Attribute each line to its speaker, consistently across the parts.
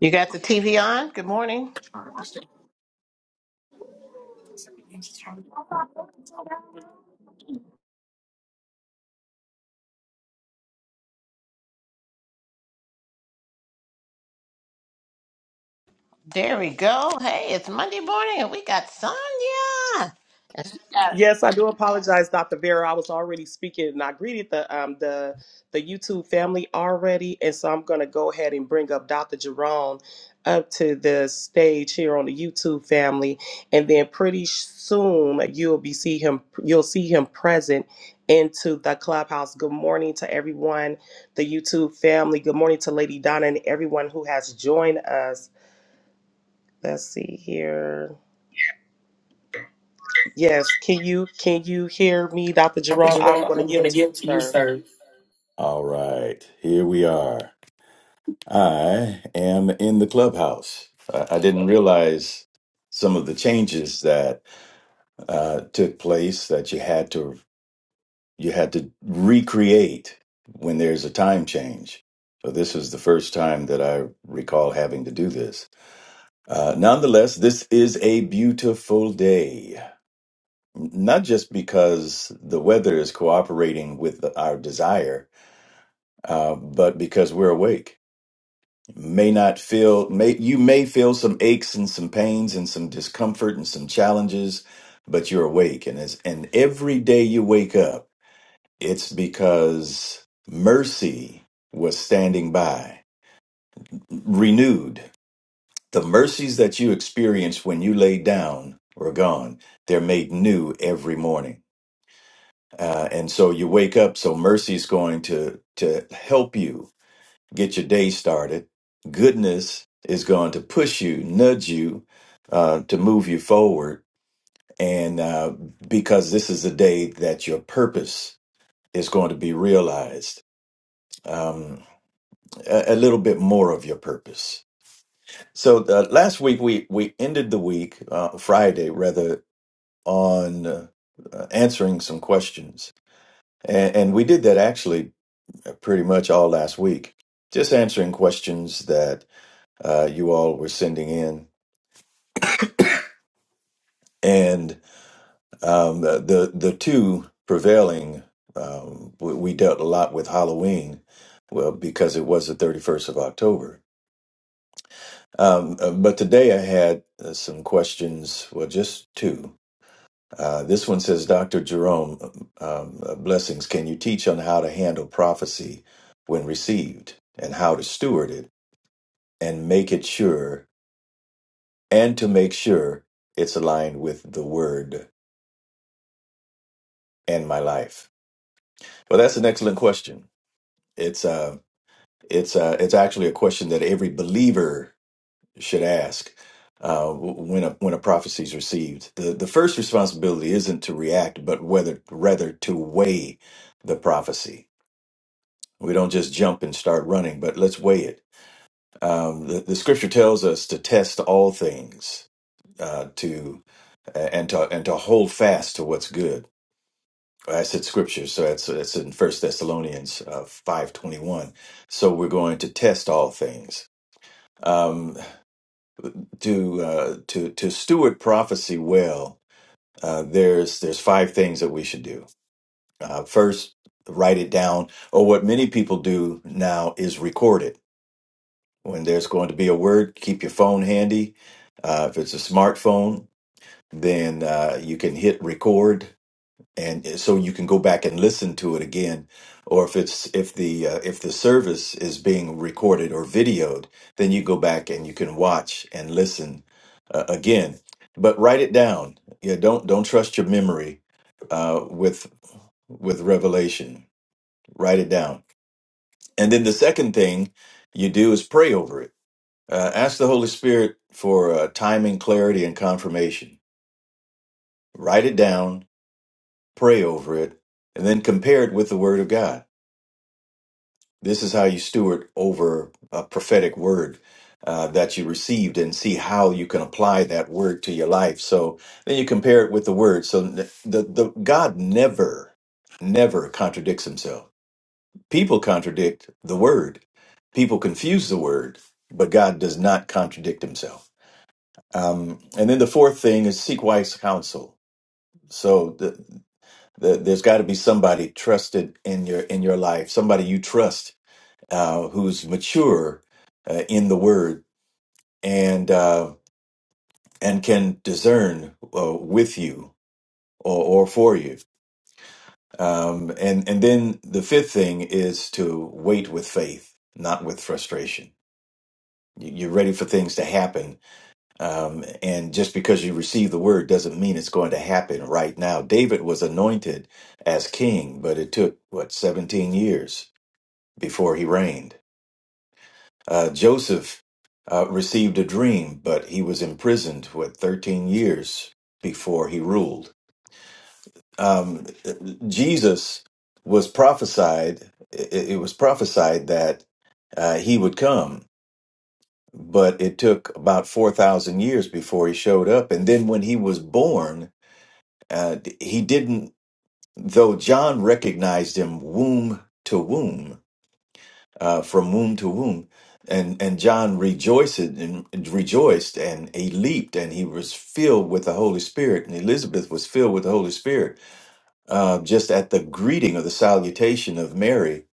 Speaker 1: You got the TV on? Good morning. There we go. Hey, it's Monday morning and we got Sonia. That's-
Speaker 2: Yes, I do apologize, Dr. Vera. I was already speaking and I greeted the um the the YouTube family already, and so I'm gonna go ahead and bring up Dr. Jerome up to the stage here on the YouTube family, and then pretty soon you'll be see him you'll see him present into the clubhouse. Good morning to everyone, the YouTube family. Good morning to Lady Donna and everyone who has joined us. Let's see here. Yes, can you can you hear me, Dr.
Speaker 3: Prophet
Speaker 2: Jerome? I'm
Speaker 3: Jerome,
Speaker 2: going
Speaker 3: I'm
Speaker 2: to
Speaker 3: going
Speaker 2: yield
Speaker 3: to
Speaker 2: to you,
Speaker 3: give to you,
Speaker 2: sir.
Speaker 3: sir. All right, here we are. I am in the clubhouse. I, I didn't realize some of the changes that uh, took place that you had to you had to recreate when there's a time change. So this is the first time that I recall having to do this. Uh, nonetheless, this is a beautiful day. Not just because the weather is cooperating with our desire, uh, but because we're awake may not feel may you may feel some aches and some pains and some discomfort and some challenges but you're awake and as and every day you wake up it's because mercy was standing by renewed the mercies that you experienced when you laid down were gone they're made new every morning uh, and so you wake up so mercy is going to to help you get your day started. Goodness is going to push you, nudge you uh, to move you forward. And uh, because this is the day that your purpose is going to be realized, um, a, a little bit more of your purpose. So uh, last week we we ended the week uh, Friday rather on uh, uh, answering some questions, and, and we did that actually pretty much all last week, just answering questions that. uh, you all were sending in, and um, the, the the two prevailing. Um, we, we dealt a lot with Halloween, well, because it was the thirty first of October. Um, uh, but today I had uh, some questions. Well, just two. Uh, this one says, Dr. Jerome, um, uh, blessings. Can you teach on how to handle prophecy when received and how to steward it and make it sure and to make sure it's aligned with the word and my life? Well, that's an excellent question. It's uh, it's uh, it's actually a question that every believer should ask uh, w- when a when a prophecy is received. the The first responsibility isn't to react, but whether rather to weigh the prophecy. We don't just jump and start running, but let's weigh it. Um, the, the scripture tells us to test all things, uh, to and to and to hold fast to what's good I said scripture, so that's that's in First Thessalonians uh, five twenty one. So we're going to test all things. Um, to uh, to to steward prophecy well, uh, there's there's five things that we should do. Uh, first, write it down, or what many people do now is record it. When there's going to be a word, keep your phone handy. Uh, if it's a smartphone, then uh, you can hit record and so you can go back and listen to it again or if it's if the uh, if the service is being recorded or videoed then you go back and you can watch and listen uh, again but write it down yeah don't don't trust your memory uh, with with revelation write it down and then the second thing you do is pray over it uh, ask the holy spirit for uh, timing clarity and confirmation write it down pray over it and then compare it with the word of god This is how you steward over a prophetic word uh, that you received and see how you can apply that word to your life. So then you compare it with the word. So the, the, the God never, never contradicts himself. People contradict the word. People confuse the word, but God does not contradict himself. Um, and then the fourth thing is seek wise counsel. So the, the, there's got to be somebody trusted in your in your life, somebody you trust uh, who's mature uh, in the word and uh, and can discern uh, with you or, or for you. Um, and and then the fifth thing is to wait with faith, not with frustration. You- You're ready for things to happen, um, and just because you receive the word doesn't mean it's going to happen right now. David was anointed as king, but it took what 17 years before he reigned Uh, Joseph uh, received a dream, but he was imprisoned for 13 years before he ruled. Um, Jesus was prophesied, it, it was prophesied that uh, he would come, but it took about 4,000 years before he showed up. And then when he was born, uh, he didn't, though John recognized him womb to womb uh, from womb to womb. And and John rejoiced and, and rejoiced and he leaped and he was filled with the Holy Spirit and Elizabeth was filled with the Holy Spirit uh, just at the greeting or the salutation of Mary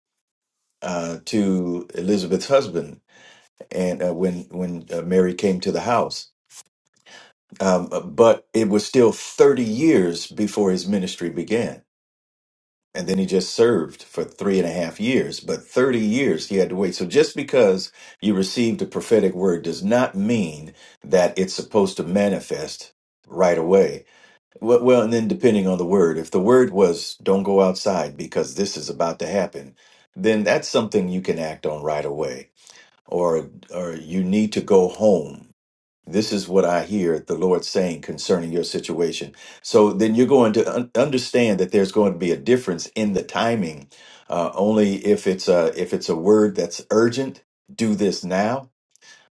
Speaker 3: uh, to Elizabeth's husband and uh, when when uh, Mary came to the house. Um, uh, but it was still 30 years before his ministry began and then he just served for three and a half years but 30 years he had to wait so just because you received a prophetic word does not mean that it's supposed to manifest right away well, well and then depending on the word if the word was don't go outside because this is about to happen then that's something you can act on right away or or you need to go home this is what I hear the Lord saying concerning your situation. So then you're going to un- understand that there's going to be a difference in the timing. Uh, only if it's a if it's a word that's urgent, do this now,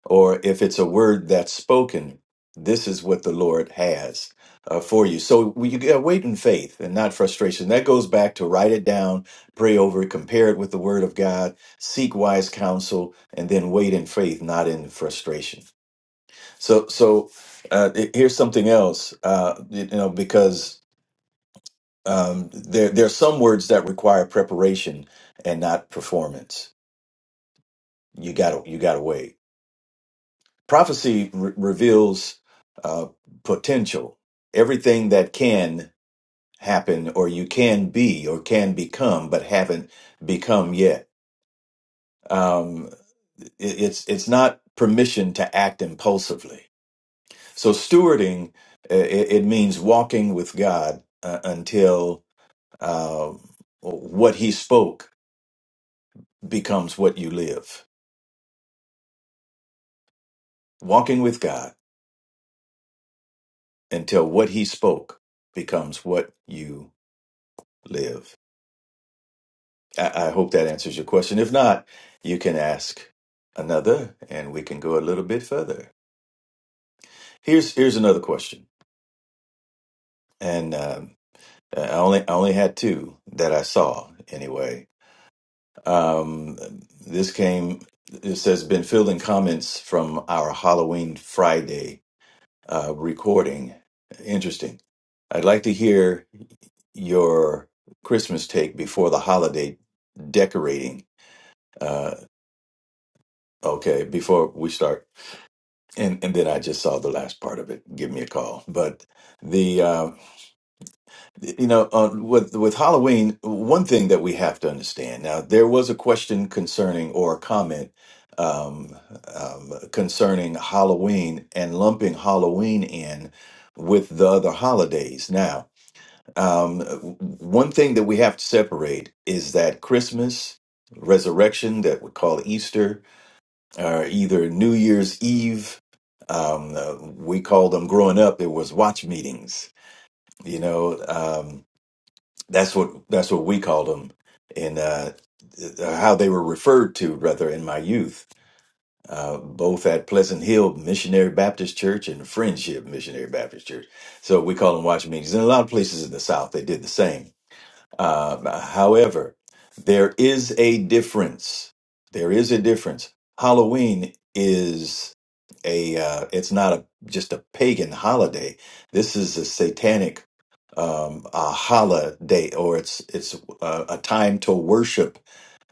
Speaker 3: or if it's a word that's spoken, this is what the Lord has uh, for you. So we you gotta wait in faith and not frustration. That goes back to write it down, pray over it, compare it with the Word of God, seek wise counsel, and then wait in faith, not in frustration. So, so uh, it- here's something else, uh, you know, because um, there there are some words that require preparation and not performance. You got to you got to wait. Prophecy re- reveals uh, potential, everything that can happen, or you can be, or can become, but haven't become yet. Um, it, it's it's not permission to act impulsively So stewarding uh, it, it means walking with God uh, until uh, what He spoke becomes what you live. Walking with God until what He spoke becomes what you live. I, I hope that answers your question. If not, you can ask another, and we can go a little bit further. Here's here's another question, and um, I only I only had two that I saw anyway. Um, this came, it says, been fielding comments from our Halloween Friday uh, recording. Interesting. I'd like to hear your Christmas take before the holiday decorating. Uh, okay, before we start. And, and then I just saw the last part of it. Give me a call. But the uh, you know uh, with with halloween one thing that we have to understand now there was a question concerning or a comment um, um, concerning halloween and lumping halloween in with the other holidays now um, one thing that we have to separate is that christmas resurrection that we call easter or either new year's eve um, uh, we called them growing up it was watch meetings you know Um, that's what that's what we called them, and uh, uh, how they were referred to, rather, in my youth, uh, both at Pleasant Hill Missionary Baptist Church and Friendship Missionary Baptist Church. So we call them watch meetings. And a lot of places in the South, they did the same. Uh, however, there is a difference. There is a difference. Halloween is a uh, it's not a just a pagan holiday. This is a satanic um, a holiday, or it's it's uh, a time to worship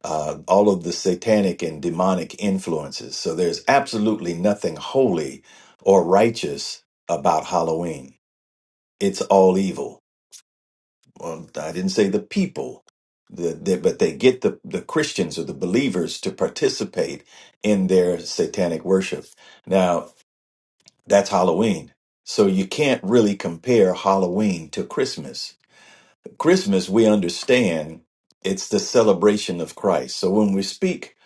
Speaker 3: uh, all of the satanic and demonic influences. So there's absolutely nothing holy or righteous about Halloween. It's all evil well, I didn't say the people, the, the, but they get the, the Christians or the believers to participate in their satanic worship. Now, that's Halloween. So you can't really compare Halloween to Christmas. Christmas, we understand it's the celebration of Christ. So when we speak,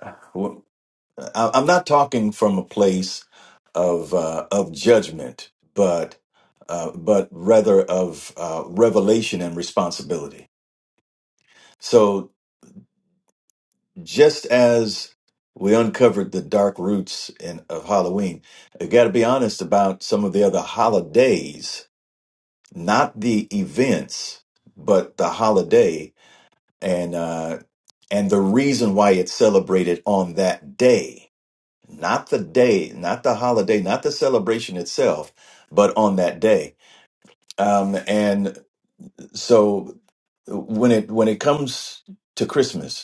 Speaker 3: I- I'm not talking from a place of uh, of judgment, but uh, but rather of uh, revelation and responsibility. So just as we uncovered the dark roots in, of Halloween, I got to be honest about some of the other holidays, not the events, but the holiday and uh, and the reason why it's celebrated on that day, not the day, not the holiday, not the celebration itself, but on that day. Um, and so when it when it comes to Christmas,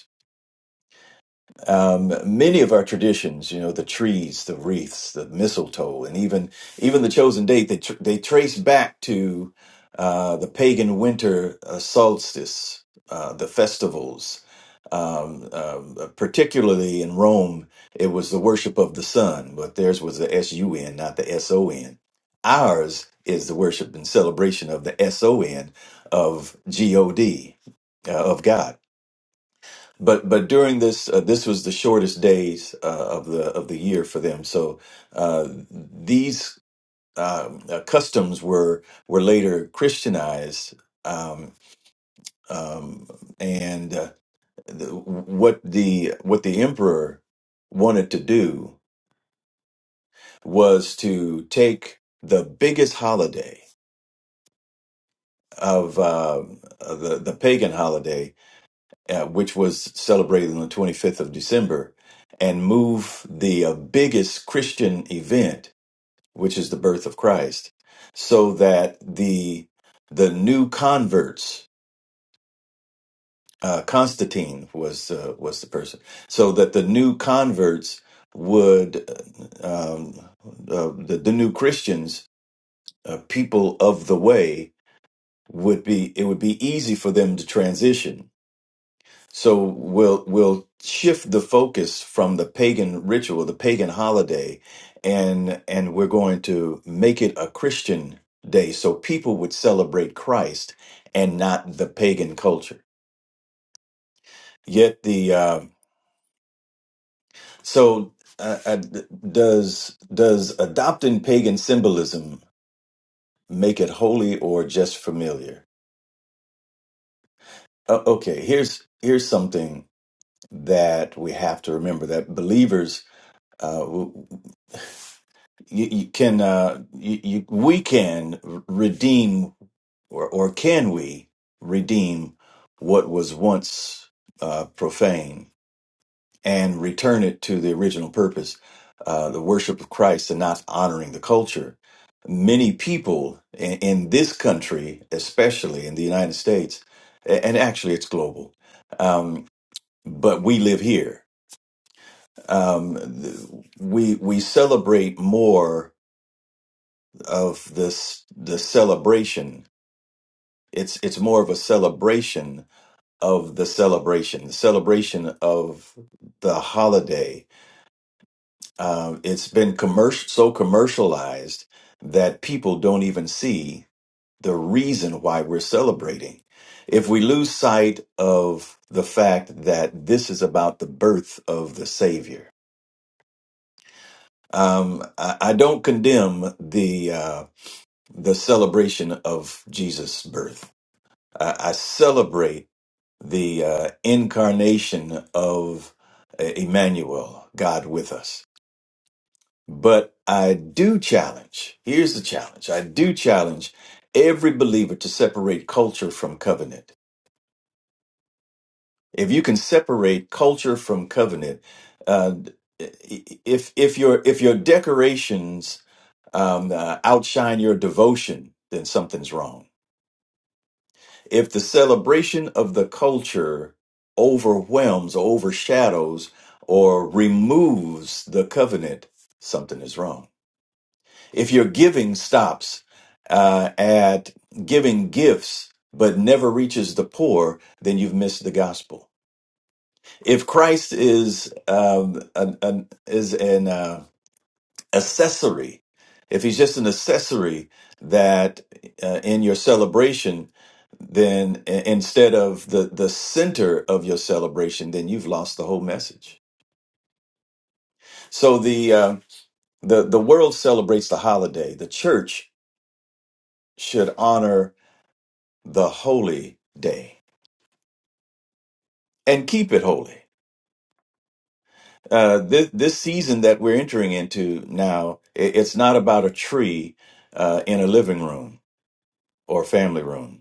Speaker 3: um, many of our traditions, you know, the trees, the wreaths, the mistletoe, and even even the chosen date, they tr- they trace back to uh, the pagan winter uh, solstice, uh, the festivals. Um, um, particularly in Rome, it was the worship of the sun, but theirs was the S U N, not the S O N. Ours is the worship and celebration of the S O N of G O D, uh, of God but but during this uh, this was the shortest days uh, of the of the year for them so uh, these um, uh, customs were were later christianized um, um, and uh, the, what the what the emperor wanted to do was to take the biggest holiday of uh, the the pagan holiday uh, which was celebrated on the 25th of December, and move the uh, biggest Christian event, which is the birth of Christ, so that the the new converts, uh, Constantine was uh, was the person, so that the new converts would, uh, um, uh, the, the new Christians, uh, people of the way, would be it would be easy for them to transition So we'll we'll shift the focus from the pagan ritual, the pagan holiday, and and we're going to make it a Christian day so people would celebrate Christ and not the pagan culture. Yet the uh, so uh, uh, d- does does adopting pagan symbolism make it holy or just familiar? Uh, okay, here's here's something that we have to remember that believers. you, you can uh you, you we can redeem or or can we redeem what was once uh profane and return it to the original purpose uh the worship of Christ and not honoring the culture many people in, in this country especially in the United States a- and actually it's global um but we live here um th- we we celebrate more of this the celebration. It's it's more of a celebration of the celebration, the celebration of the holiday. Um, it's been commercial so commercialized that people don't even see the reason why we're celebrating. If we lose sight of the fact that this is about the birth of the Savior, um, I, I don't condemn the uh, the celebration of Jesus' birth. I, I celebrate the uh, incarnation of uh, Emmanuel, God with us. But I do challenge, here's the challenge I do challenge every believer to separate culture from covenant. If you can separate culture from covenant, uh, if if your if your decorations um, uh, outshine your devotion, then something's wrong If the celebration of the culture overwhelms or overshadows or removes the covenant, something is wrong. If your giving stops uh, at giving gifts but never reaches the poor, then you've missed the gospel. If Christ is um, an, an- is an uh, accessory, if he's just an accessory that uh, in your celebration, then i- instead of the the center of your celebration, then you've lost the whole message. So the uh, the the world celebrates the holiday. The church should honor the holy day and keep it holy. Uh, this this season that we're entering into now, i- it's not about a tree uh, in a living room or family room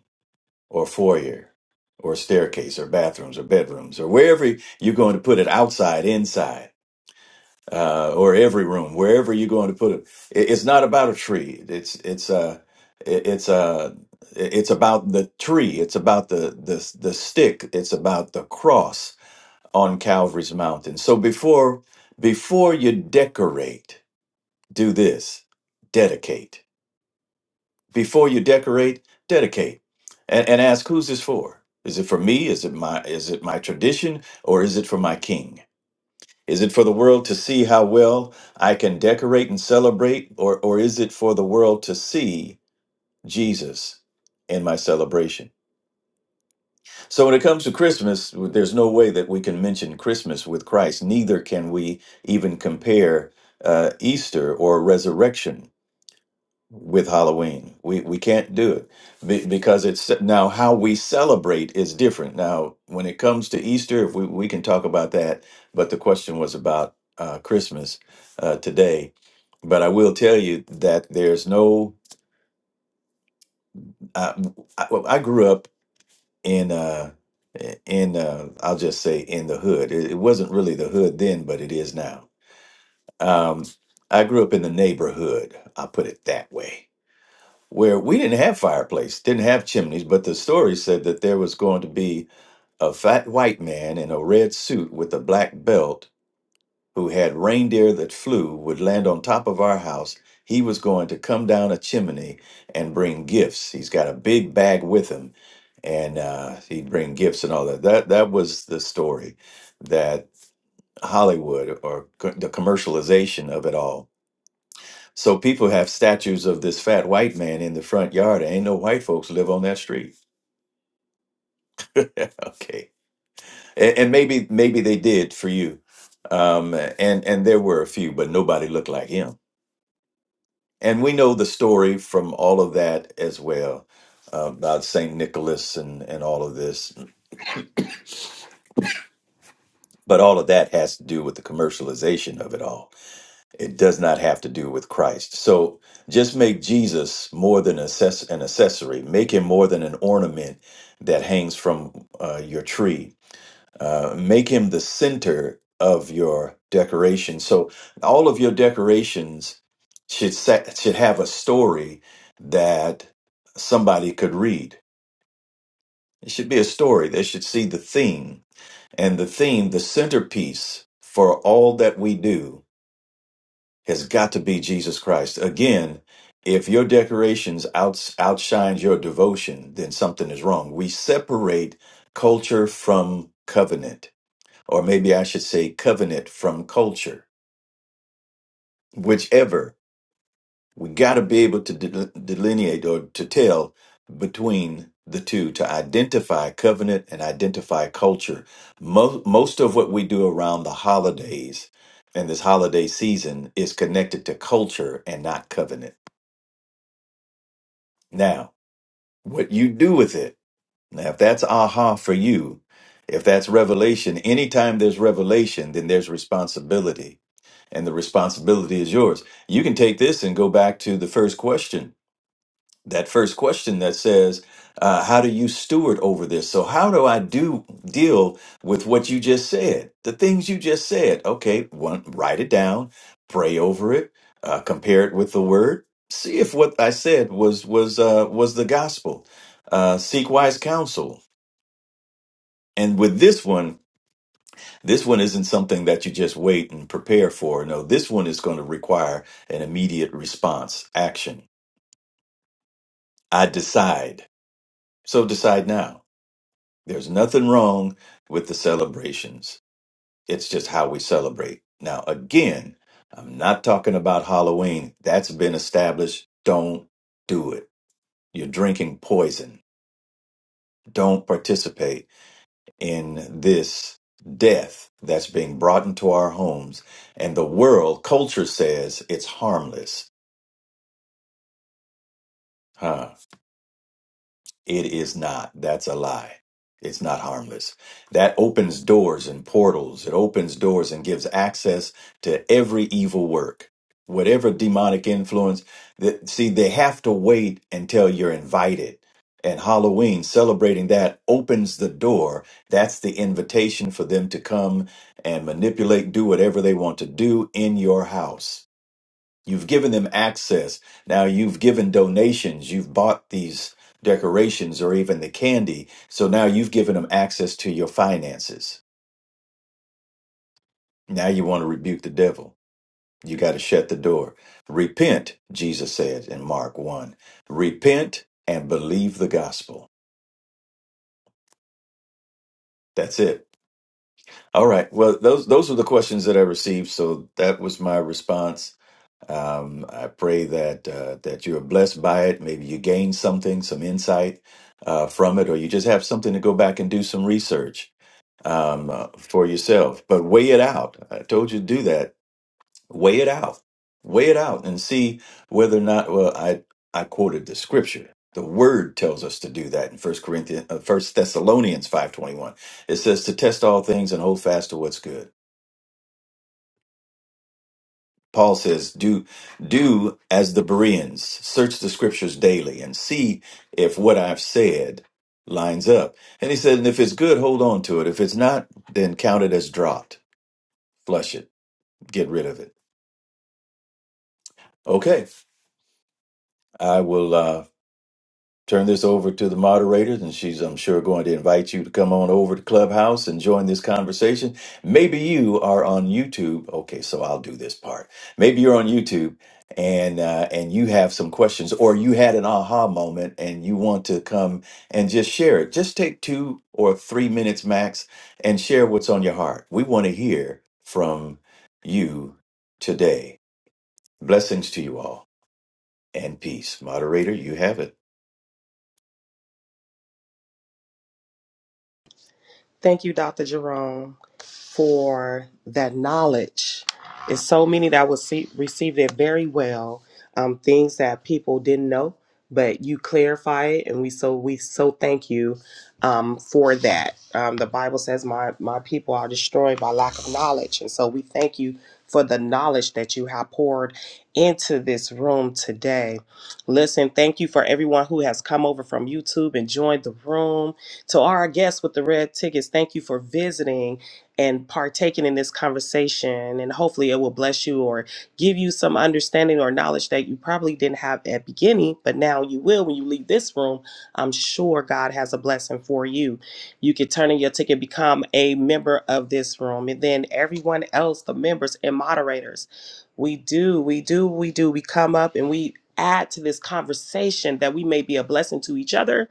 Speaker 3: or foyer or staircase or bathrooms or bedrooms or wherever you're going to put it outside inside uh, or every room wherever you're going to put it It- it's not about a tree it's it's uh it- it's uh it's about the tree it's about the the the stick it's about the cross on Calvary's mountain so before before you decorate do this dedicate before you decorate, dedicate and, and ask who's this for? Is it for me? Is it my is it my tradition or is it for my king? Is it for the world to see how well I can decorate and celebrate or or is it for the world to see Jesus in my celebration? So when it comes to Christmas, there's no way that we can mention Christmas with Christ. Neither can we even compare uh, Easter or resurrection with Halloween. We we can't do it be, because it's now how we celebrate is different. Now, when it comes to Easter, if we we can talk about that, but the question was about uh, Christmas uh, today. But I will tell you that there's no. I, I, well, I grew up in uh, in uh, I'll just say in the hood. It, it wasn't really the hood then, but it is now. Um, I grew up in the neighborhood. I'll put it that way where we didn't have fireplace, didn't have chimneys, but the story said that there was going to be a fat white man in a red suit with a black belt who had reindeer that flew would land on top of our house. He was going to come down a chimney and bring gifts. He's got a big bag with him, and uh, he'd bring gifts and all that. That that was the story that Hollywood or co- the commercialization of it all so people have statues of this fat white man in the front yard. Ain't no white folks live on that street. okay, and, and maybe maybe they did for you, um, and and there were a few, but nobody looked like him. And we know the story from all of that as well uh, about Saint Nicholas and and all of this. But all of that has to do with the commercialization of it all It does not have to do with Christ. So just make Jesus more than assess- an accessory. Make him more than an ornament that hangs from uh, your tree. Uh, make him the center of your decoration. So all of your decorations should sa- should have a story that somebody could read. It should be a story. They should see the theme and the theme, the centerpiece for all that we do has got to be Jesus Christ. Again, if your decorations outs outshines your devotion, then something is wrong. We separate culture from covenant, or maybe I should say covenant from culture, whichever. We got to be able to de- delineate or to tell between the two to identify covenant and identify culture. Most, most of what we do around the holidays and this holiday season is connected to culture and not covenant. Now, what you do with it, now, if that's aha for you, if that's revelation, anytime there's revelation, then there's responsibility, and the responsibility is yours. You can take this and go back to the first question that first question that says uh, how do you steward over this so how do i do deal with what you just said the things you just said okay one write it down pray over it uh, compare it with the word see if what i said was was uh, was the gospel uh, seek wise counsel and with this one this one isn't something that you just wait and prepare for no this one is going to require an immediate response action i decide so decide now There's nothing wrong with the celebrations. It's just how we celebrate. Now, again, I'm not talking about Halloween. That's been established. Don't do it. You're drinking poison. Don't participate in this death that's being brought into our homes. And the world culture says it's harmless. Huh? It is not. That's a lie. It's not harmless. That opens doors and portals. It opens doors and gives access to every evil work. Whatever demonic influence that see, they have to wait until you're invited. And Halloween, celebrating that, opens the door. That's the invitation for them to come and manipulate, do whatever they want to do in your house. You've given them access. Now you've given donations. You've bought these decorations or even the candy. So now you've given them access to your finances. Now you want to rebuke the devil. You got to shut the door. Repent, Jesus said in Mark 1. Repent and believe the gospel. That's it. All right. Well, those those were the questions that I received, so that was my response. Um, I pray that uh, that you are blessed by it. Maybe you gain something, some insight uh, from it, or you just have something to go back and do some research um, uh, for yourself. But weigh it out. I told you to do that. Weigh it out. Weigh it out and see whether or not. Well, I I quoted the scripture. The word tells us to do that in First Corinthians, uh, First Thessalonians five twenty one. It says to test all things and hold fast to what's good. Paul says, do, do as the Bereans, search the scriptures daily and see if what I've said lines up. And he said, and if it's good, hold on to it. If it's not, then count it as dropped, flush it, get rid of it. Okay. I will, uh, turn this over to the moderators, and she's, I'm sure, going to invite you to come on over to Clubhouse and join this conversation. Maybe you are on YouTube. Okay, so I'll do this part. Maybe you're on YouTube and uh, and you have some questions, or you had an aha moment and you want to come and just share it. Just take two or three minutes max and share what's on your heart. We want to hear from you today. Blessings to you all and peace. Moderator, you have it.
Speaker 2: Thank you, Dr. Jerome. for that knowledge. It's so many that will see, received it very well. Um, things that people didn't know, but you clarify it, and we so we so thank you um, for that. Um, the Bible says, "My my people are destroyed by lack of knowledge," and so we thank you for the knowledge that you have poured into this room today. Listen, thank you for everyone who has come over from YouTube and joined the room. To our guests with the red tickets, thank you for visiting and partaking in this conversation. And hopefully, it will bless you or give you some understanding or knowledge that you probably didn't have at beginning, but now you will when you leave this room. I'm sure God has a blessing for you. You could turn in your ticket, become a member of this room, and then everyone else, the members and moderators. We do, we do, we do. We come up and we add to this conversation that we may be a blessing to each other.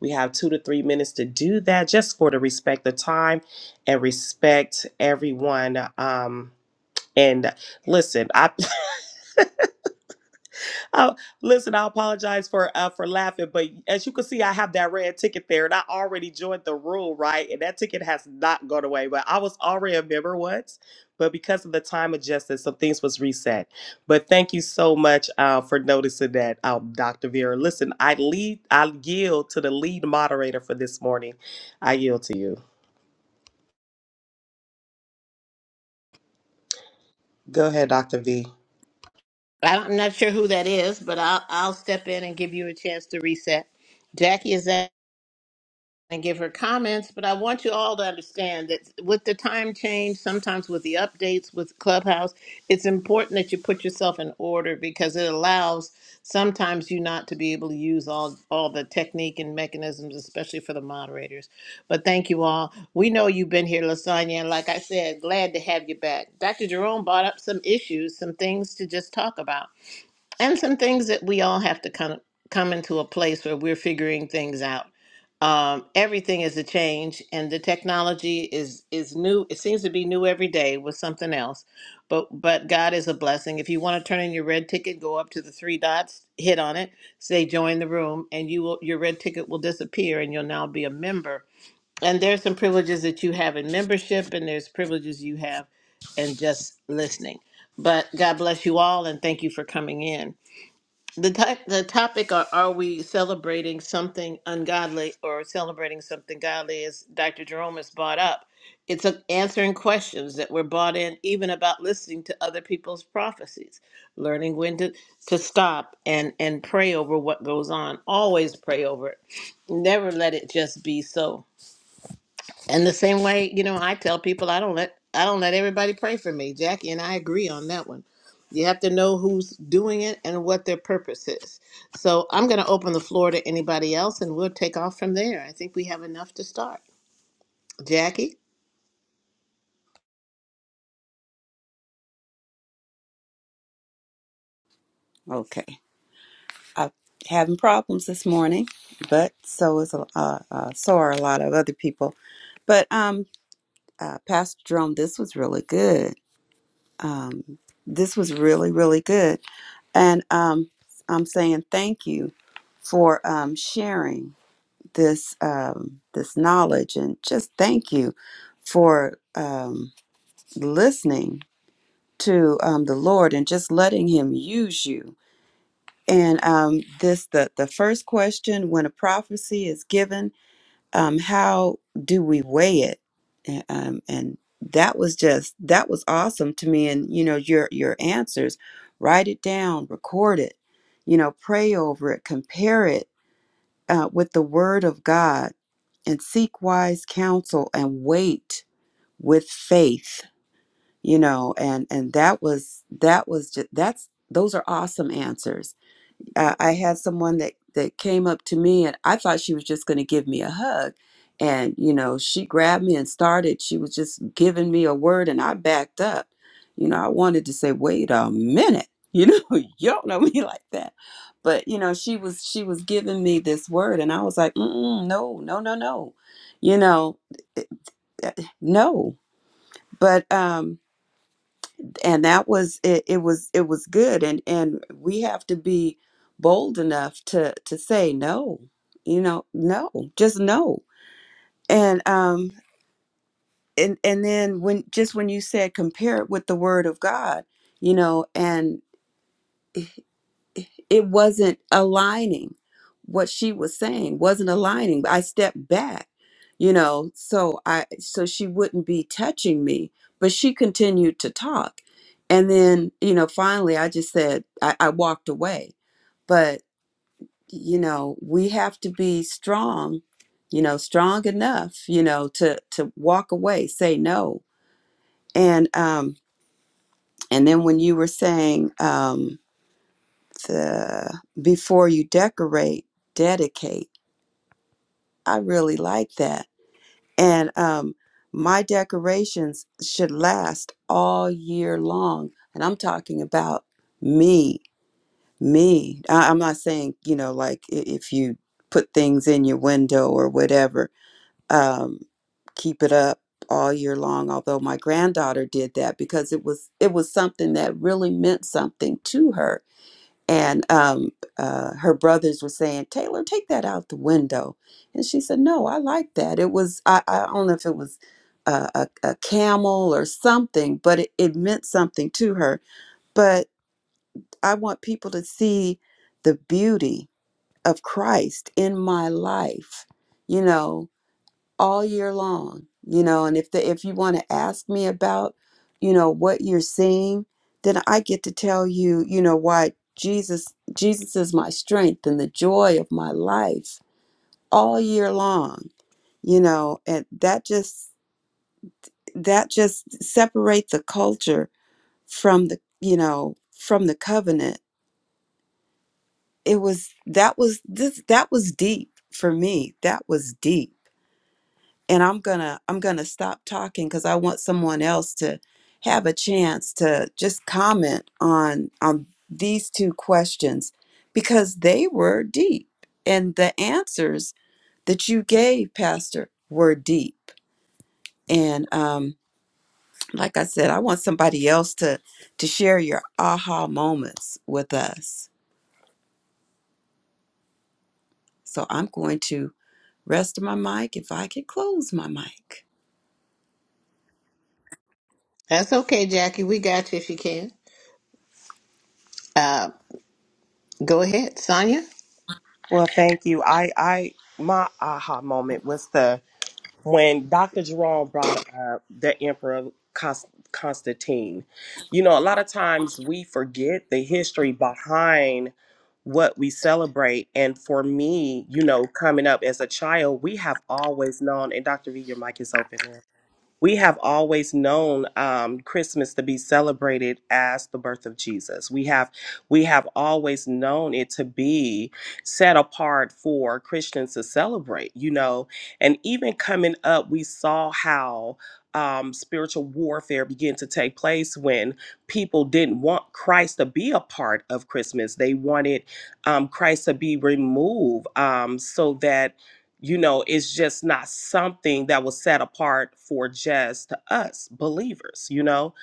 Speaker 2: We have two to three minutes to do that just for the respect of time and respect everyone. Um, and listen, I, I listen. I apologize for uh, for laughing, but as you can see, I have that red ticket there, and I already joined the rule, right? And that ticket has not gone away. But I was already a member once, but because of the time adjusted, some things was reset. But thank you so much uh, for noticing that, um, Dr. Vera. Listen, I lead, I yield to the lead moderator for this morning. I yield to you. Go ahead, Dr. V.
Speaker 1: I'm not sure who that is, but I'll, I'll step in and give you a chance to reset. Jackie, is that? and give her comments, but I want you all to understand that with the time change, sometimes with the updates with Clubhouse, it's important that you put yourself in order because it allows sometimes you not to be able to use all all the technique and mechanisms, especially for the moderators. But thank you all. We know you've been here, Lasagna, and like I said, glad to have you back. Dr. Jerome brought up some issues, some things to just talk about and some things that we all have to kind of come into a place where we're figuring things out. Um, everything is a change, and the technology is is new. It seems to be new every day with something else, but but God is a blessing. If you want to turn in your red ticket, go up to the three dots, hit on it, say join the room, and you will your red ticket will disappear, and you'll now be a member. And there's some privileges that you have in membership, and there's privileges you have in just listening. But God bless you all, and thank you for coming in. The, type, the topic are, are we celebrating something ungodly or celebrating something godly as Dr. Jerome has brought up. It's a, answering questions that were brought in, even about listening to other people's prophecies, learning when to, to stop and, and pray over what goes on. Always pray over it. Never let it just be so. And the same way, you know, I tell people I don't let I don't let everybody pray for me. Jackie and I agree on that one. You have to know who's doing it and what their purpose is. So I'm going to open the floor to anybody else, and we'll take off from there. I think we have enough to start. Jackie,
Speaker 4: Okay. I'm having problems this morning, but so is a- uh, uh, so are a lot of other people. But um, uh, Pastor Jerome, this was really good. Um, this was really really good, and um, I'm saying thank you for um, sharing this um, this knowledge, and just thank you for um, listening to um, the Lord and just letting Him use you And um, this the the first question when a prophecy is given, um, how do we weigh it? And, um, and that was just that was awesome to me. And you know your your answers, write it down, record it, you know, pray over it, compare it uh, with the Word of God, and seek wise counsel and wait with faith. You know, and and that was that was just that's those are awesome answers uh, I had someone that that came up to me and I thought she was just going to give me a hug and you know she grabbed me and started she was just giving me a word and I backed up you know I wanted to say wait a minute you know you don't know me like that but you know she was she was giving me this word and I was like Mm-mm, no no no no you know eh, eh, eh, no but um and that was it, it was it was good and and we have to be bold enough to to say no you know no just no and um and and then when just when you said compare it with the word of god you know and it wasn't aligning what she was saying wasn't aligning i stepped back you know so i so she wouldn't be touching me but she continued to talk and then you know finally i just said i, I walked away but you know we have to be strong you know strong enough you know to to walk away say no and um and then when you were saying um the before you decorate dedicate I really like that. And um, my decorations should last all year long. And I'm talking about me, me. I, I'm not saying, you know, like i- if you put things in your window or whatever, um, keep it up all year long although my granddaughter did that because it was it was something that really meant something to her and um, uh, her brothers were saying, "Taylor, take that out the window," and she said, "No, I like that. It was I, I don't know if it was a, a, a camel or something, but it, it meant something to her. But I want people to see the beauty of Christ in my life, you know." all year long you know and if the if you want to ask me about you know what you're seeing then i get to tell you you know why jesus jesus is my strength and the joy of my life all year long you know and that just that just separates the culture from the you know from the covenant it was that was this that was deep for me that was deep and i'm gonna i'm gonna stop talking because i want someone else to have a chance to just comment on on these two questions because they were deep and the answers that you gave pastor were deep and um like i said i want somebody else to to share your aha moments with us so i'm going to rest my mic if i can close my mic
Speaker 1: that's okay, Jackie. We got you if you can. Uh, go ahead, Sonia.
Speaker 2: Well, thank you. I, I, my aha moment was the when Dr. Jerome brought up the Emperor Const- Constantine. You know, a lot of times we forget the history behind what we celebrate. And for me, you know, coming up as a child, we have always known. And Dr. V, your mic is open. now we have always known um, Christmas to be celebrated as the birth of Jesus. We have we have always known it to be set apart for Christians to celebrate, you know. And even coming up, we saw how um, spiritual warfare began to take place when people didn't want Christ to be a part of Christmas. They wanted um, Christ to be removed um, so that you know it's just not something that was set apart for just us believers you know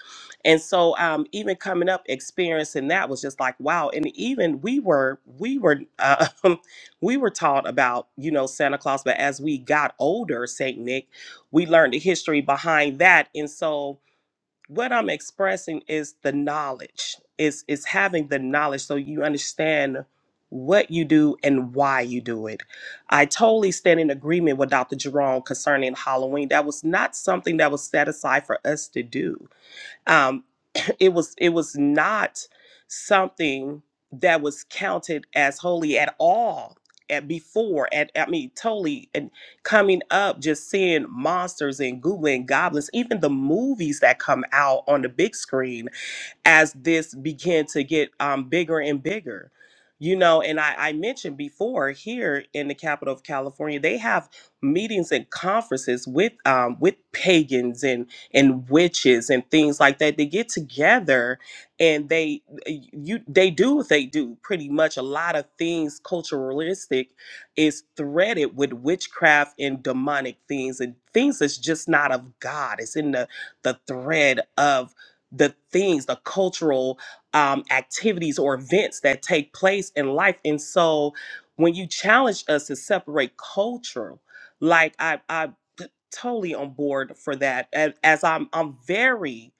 Speaker 2: and so um even coming up experiencing that was just like wow and even we were we were uh, we were taught about you know santa claus but as we got older saint nick we learned the history behind that and so what I'm expressing is the knowledge. Is is having the knowledge so you understand what you do and why you do it. I totally stand in agreement with Dr. Jerome concerning Halloween. That was not something that was set aside for us to do. Um, it was it was not something that was counted as holy at all at before at I mean totally and coming up just seeing monsters and googling goblins even the movies that come out on the big screen as this began to get um, bigger and bigger. You know, and I, I mentioned before here in the capital of California, they have meetings and conferences with um, with pagans and and witches and things like that. They get together and they you they do what they do pretty much. A lot of things culturalistic is threaded with witchcraft and demonic things and things that's just not of God. It's in the the thread of the things, the cultural um, activities or events that take place in life. And so when you challenge us to separate culture, like i I, I t- totally on board for that. And as I'm, I'm very,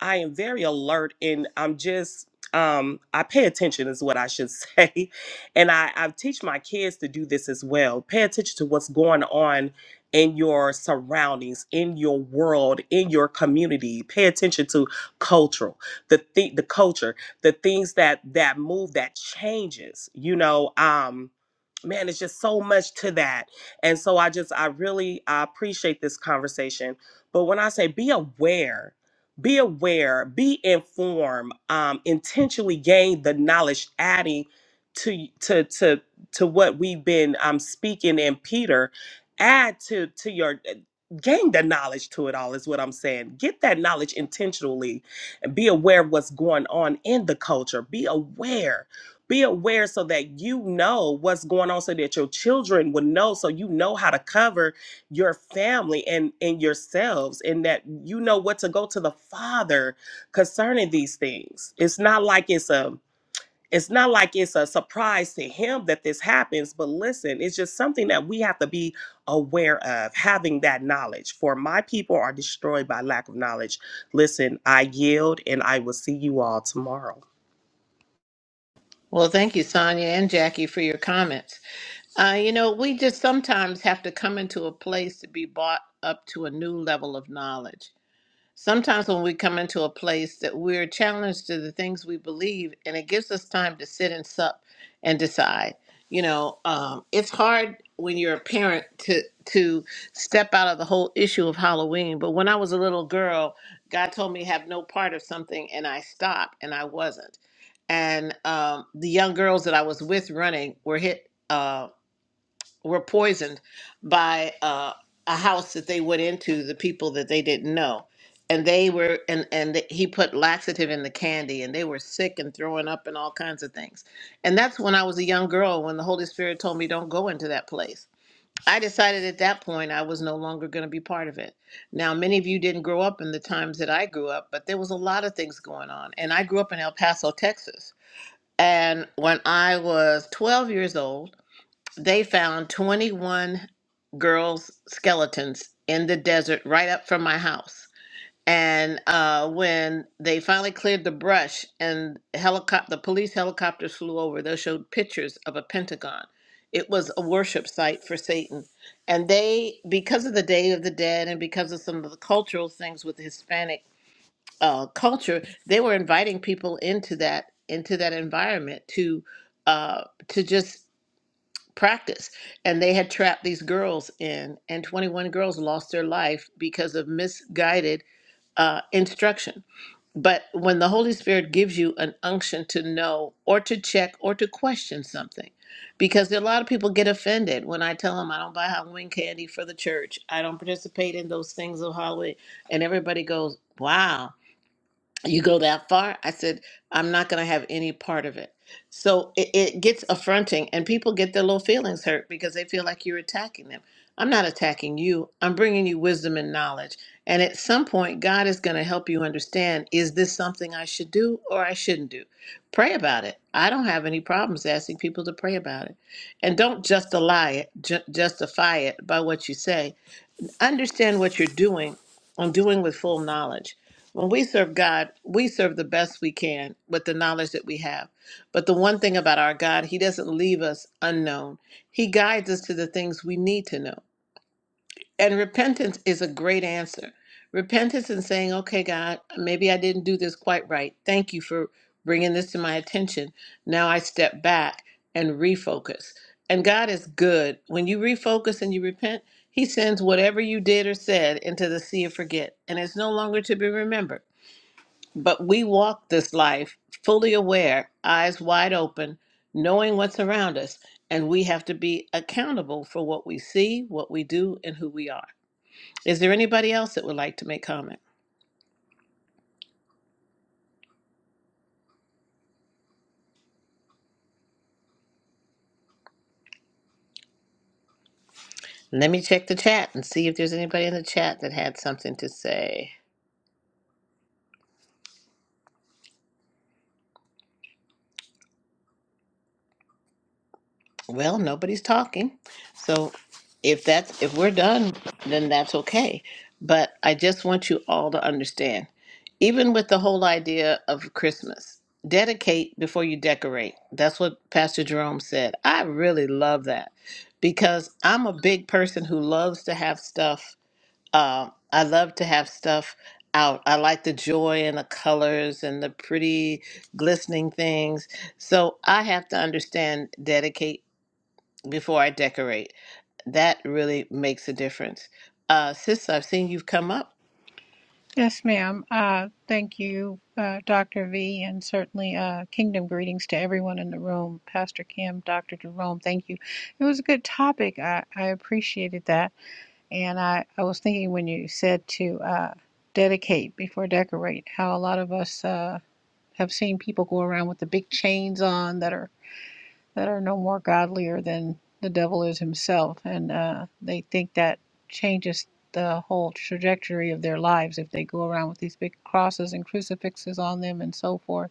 Speaker 2: I am very alert and I'm just, um, I pay attention is what I should say. And I, I teach my kids to do this as well. Pay attention to what's going on in your surroundings, in your world, in your community. Pay attention to cultural the the, the culture the things that that move that changes you know um man, it's just so much to that. And so I just, I really, I appreciate this conversation. But when I say be aware, be aware, be informed, um, intentionally gain the knowledge, adding to to to to what we've been um speaking in Peter, add to to your eh, gain the knowledge to it all is what I'm saying. Get that knowledge intentionally and be aware of what's going on in the culture. Be aware be aware so that you know what's going on so that your children would know so you know how to cover your family and and yourselves and that you know what to go to the father concerning these things it's not like it's a it's not like it's a surprise to him that this happens but listen it's just something that we have to be aware of having that knowledge for my people are destroyed by lack of knowledge listen i yield and i will see you all tomorrow
Speaker 1: Well, thank you, Sonia and Jackie, for your comments. Uh, you know, we just sometimes have to come into a place to be brought up to a new level of knowledge Sometimes when we come into a place that we're challenged to the things we believe, and it gives us time to sit and sup and decide. You know, um, it's hard when you're a parent to to step out of the whole issue of Halloween. But when I was a little girl, God told me have no part of something, and I stopped, and I wasn't. And um, the young girls that I was with running were hit. Uh, were poisoned by uh, a house that they went into the people that they didn't know and they were and and he put laxative in the candy and they were sick and throwing up and all kinds of things and that's when i was a young girl when the holy spirit told me don't go into that place i decided at that point i was no longer going to be part of it now many of you didn't grow up in the times that i grew up but there was a lot of things going on and i grew up in el paso texas and when i was 12 years old they found 21 girls' skeletons in the desert right up from my house. And uh, when they finally cleared the brush and helicopter, the police helicopters flew over, they showed pictures of a pentagon. It was a worship site for Satan. And they, because of the Day of the Dead and because of some of the cultural things with Hispanic uh, culture, they were inviting people into that into that environment to uh, to just practice and they had trapped these girls in and 21 girls lost their life because of misguided uh, instruction but when the holy spirit gives you an unction to know or to check or to question something because a lot of people get offended when i tell them i don't buy halloween candy for the church i don't participate in those things of halloween and everybody goes wow you go that far i said i'm not going to have any part of it so it, it gets affronting and people get their little feelings hurt because they feel like you're attacking them i'm not attacking you i'm bringing you wisdom and knowledge and at some point god is going to help you understand is this something i should do or i shouldn't do pray about it i don't have any problems asking people to pray about it and don't just lie it ju- justify it by what you say understand what you're doing and doing with full knowledge. When we serve God, we serve the best we can with the knowledge that we have. But the one thing about our God, He doesn't leave us unknown. He guides us to the things we need to know. And repentance is a great answer. Repentance and saying, okay, God, maybe I didn't do this quite right. Thank you for bringing this to my attention. Now I step back and refocus. And God is good. When you refocus and you repent, He sends whatever you did or said into the sea of forget, and it's no longer to be remembered. But we walk this life fully aware, eyes wide open, knowing what's around us, and we have to be accountable for what we see, what we do, and who we are. Is there anybody else that would like to make comment? Let me check the chat and see if there's anybody in the chat that had something to say. Well, nobody's talking. So if that's if we're done, then that's okay. But I just want you all to understand, even with the whole idea of Christmas, dedicate before you decorate. That's what Pastor Jerome said. I really love that because I'm a big person who loves to have stuff Um, I love to have stuff out. I like the joy and the colors and the pretty glistening things. So I have to understand, dedicate before I decorate. That really makes a difference. Uh, sis, I've seen you've come up.
Speaker 5: Yes, ma'am. Uh, thank you, uh, Dr. V, and certainly uh, kingdom greetings to everyone in the room. Pastor Kim, Dr. Jerome, thank you. It was a good topic. I, I appreciated that. And I, I was thinking when you said to uh, dedicate before decorate, how a lot of us uh, have seen people go around with the big chains on that are that are no more godlier than the devil is himself. And uh, they think that changes the whole trajectory of their lives if they go around with these big crosses and crucifixes on them and so forth.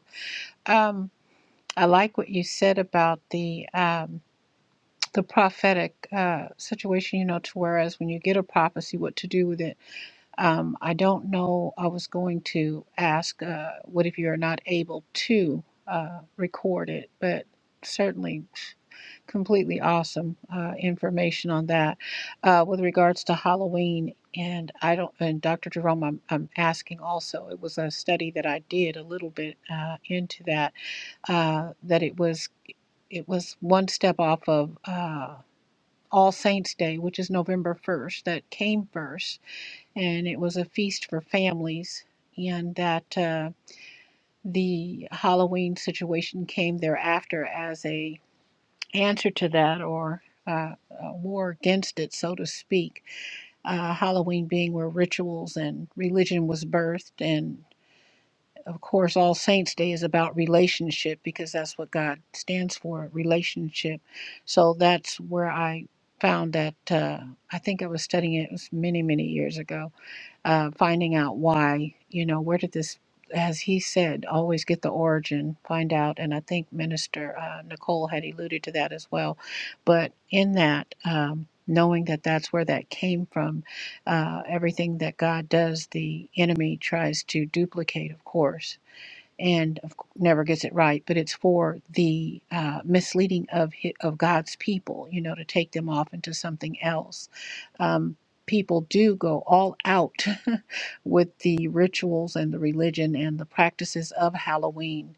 Speaker 5: Um, I like what you said about the. Um, the prophetic uh, situation, you know, to whereas when you get a prophecy, what to do with it um, I don't know. I was going to ask, uh, what if you're not able to uh, record it? But certainly, completely awesome uh, information on that. Uh, with regards to Halloween, and I don't, and Dr. Jerome, I'm, I'm asking also. It was a study that I did a little bit uh, into that. Uh, that it was, it was one step off of. Uh, all Saints Day, which is November 1st, that came first, and it was a feast for families, and that uh, the Halloween situation came thereafter as a answer to that or uh, a war against it, so to speak. Uh, Halloween being where rituals and religion was birthed, and of course, All Saints' Day is about relationship because that's what God stands for relationship. So that's where I found that. Uh, I think I was studying it, it was many, many years ago uh, finding out why, you know, where did this, as he said, always get the origin, find out. And I think Minister uh, Nicole had alluded to that as well. But in that, um, knowing that that's where that came from, uh, everything that God does, the enemy tries to duplicate, of course and of, cou- never gets it right, but it's for the uh, misleading of hi- of God's people, you know, to take them off into something else. Um, people do go all out with the rituals and the religion and the practices of Halloween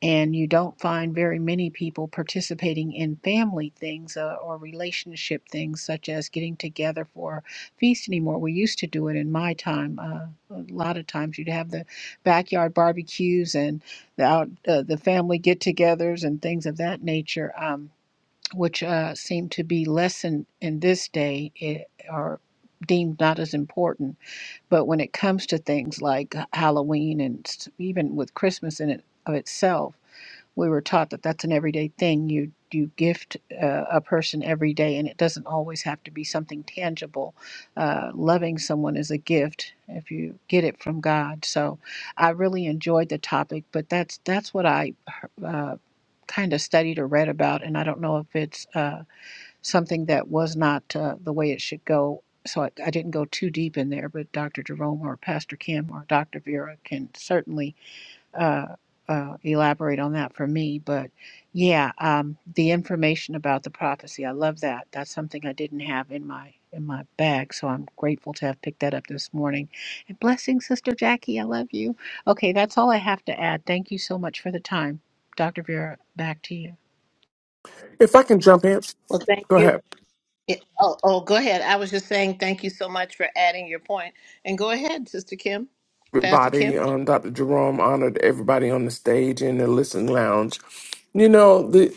Speaker 5: and you don't find very many people participating in family things uh, or relationship things such as getting together for a feast anymore we used to do it in my time uh, a lot of times you'd have the backyard barbecues and the out uh, the family get-togethers and things of that nature um, which uh, seem to be lessened in this day it, or deemed not as important but when it comes to things like halloween and s- even with christmas in it of itself we were taught that that's an everyday thing. You you gift uh, a person every day, and it doesn't always have to be something tangible. Uh, loving someone is a gift if you get it from God. So, I really enjoyed the topic, but that's that's what I uh, kind of studied or read about, and I don't know if it's uh, something that was not uh, the way it should go. So I, I didn't go too deep in there, but Dr. Jerome or Pastor Kim or Dr. Vera can certainly uh, uh, elaborate on that for me. But yeah, um, the information about the prophecy, I love that. That's something I didn't have in my in my bag, so I'm grateful to have picked that up this morning. And blessings, Sister Jackie. I love you. Okay, that's all I have to add. Thank you so much for the time, Doctor Vera. Back to you.
Speaker 6: If I can jump in,
Speaker 1: Well, thank
Speaker 6: go
Speaker 1: you.
Speaker 6: ahead.
Speaker 1: Yeah, Oh, oh, go ahead. I was just saying thank you so much for adding your point. And go ahead, Sister Kim, Pastor
Speaker 6: Everybody,
Speaker 1: Kim.
Speaker 6: um, Dr. Jerome honored everybody on the stage in the listening lounge. You know, the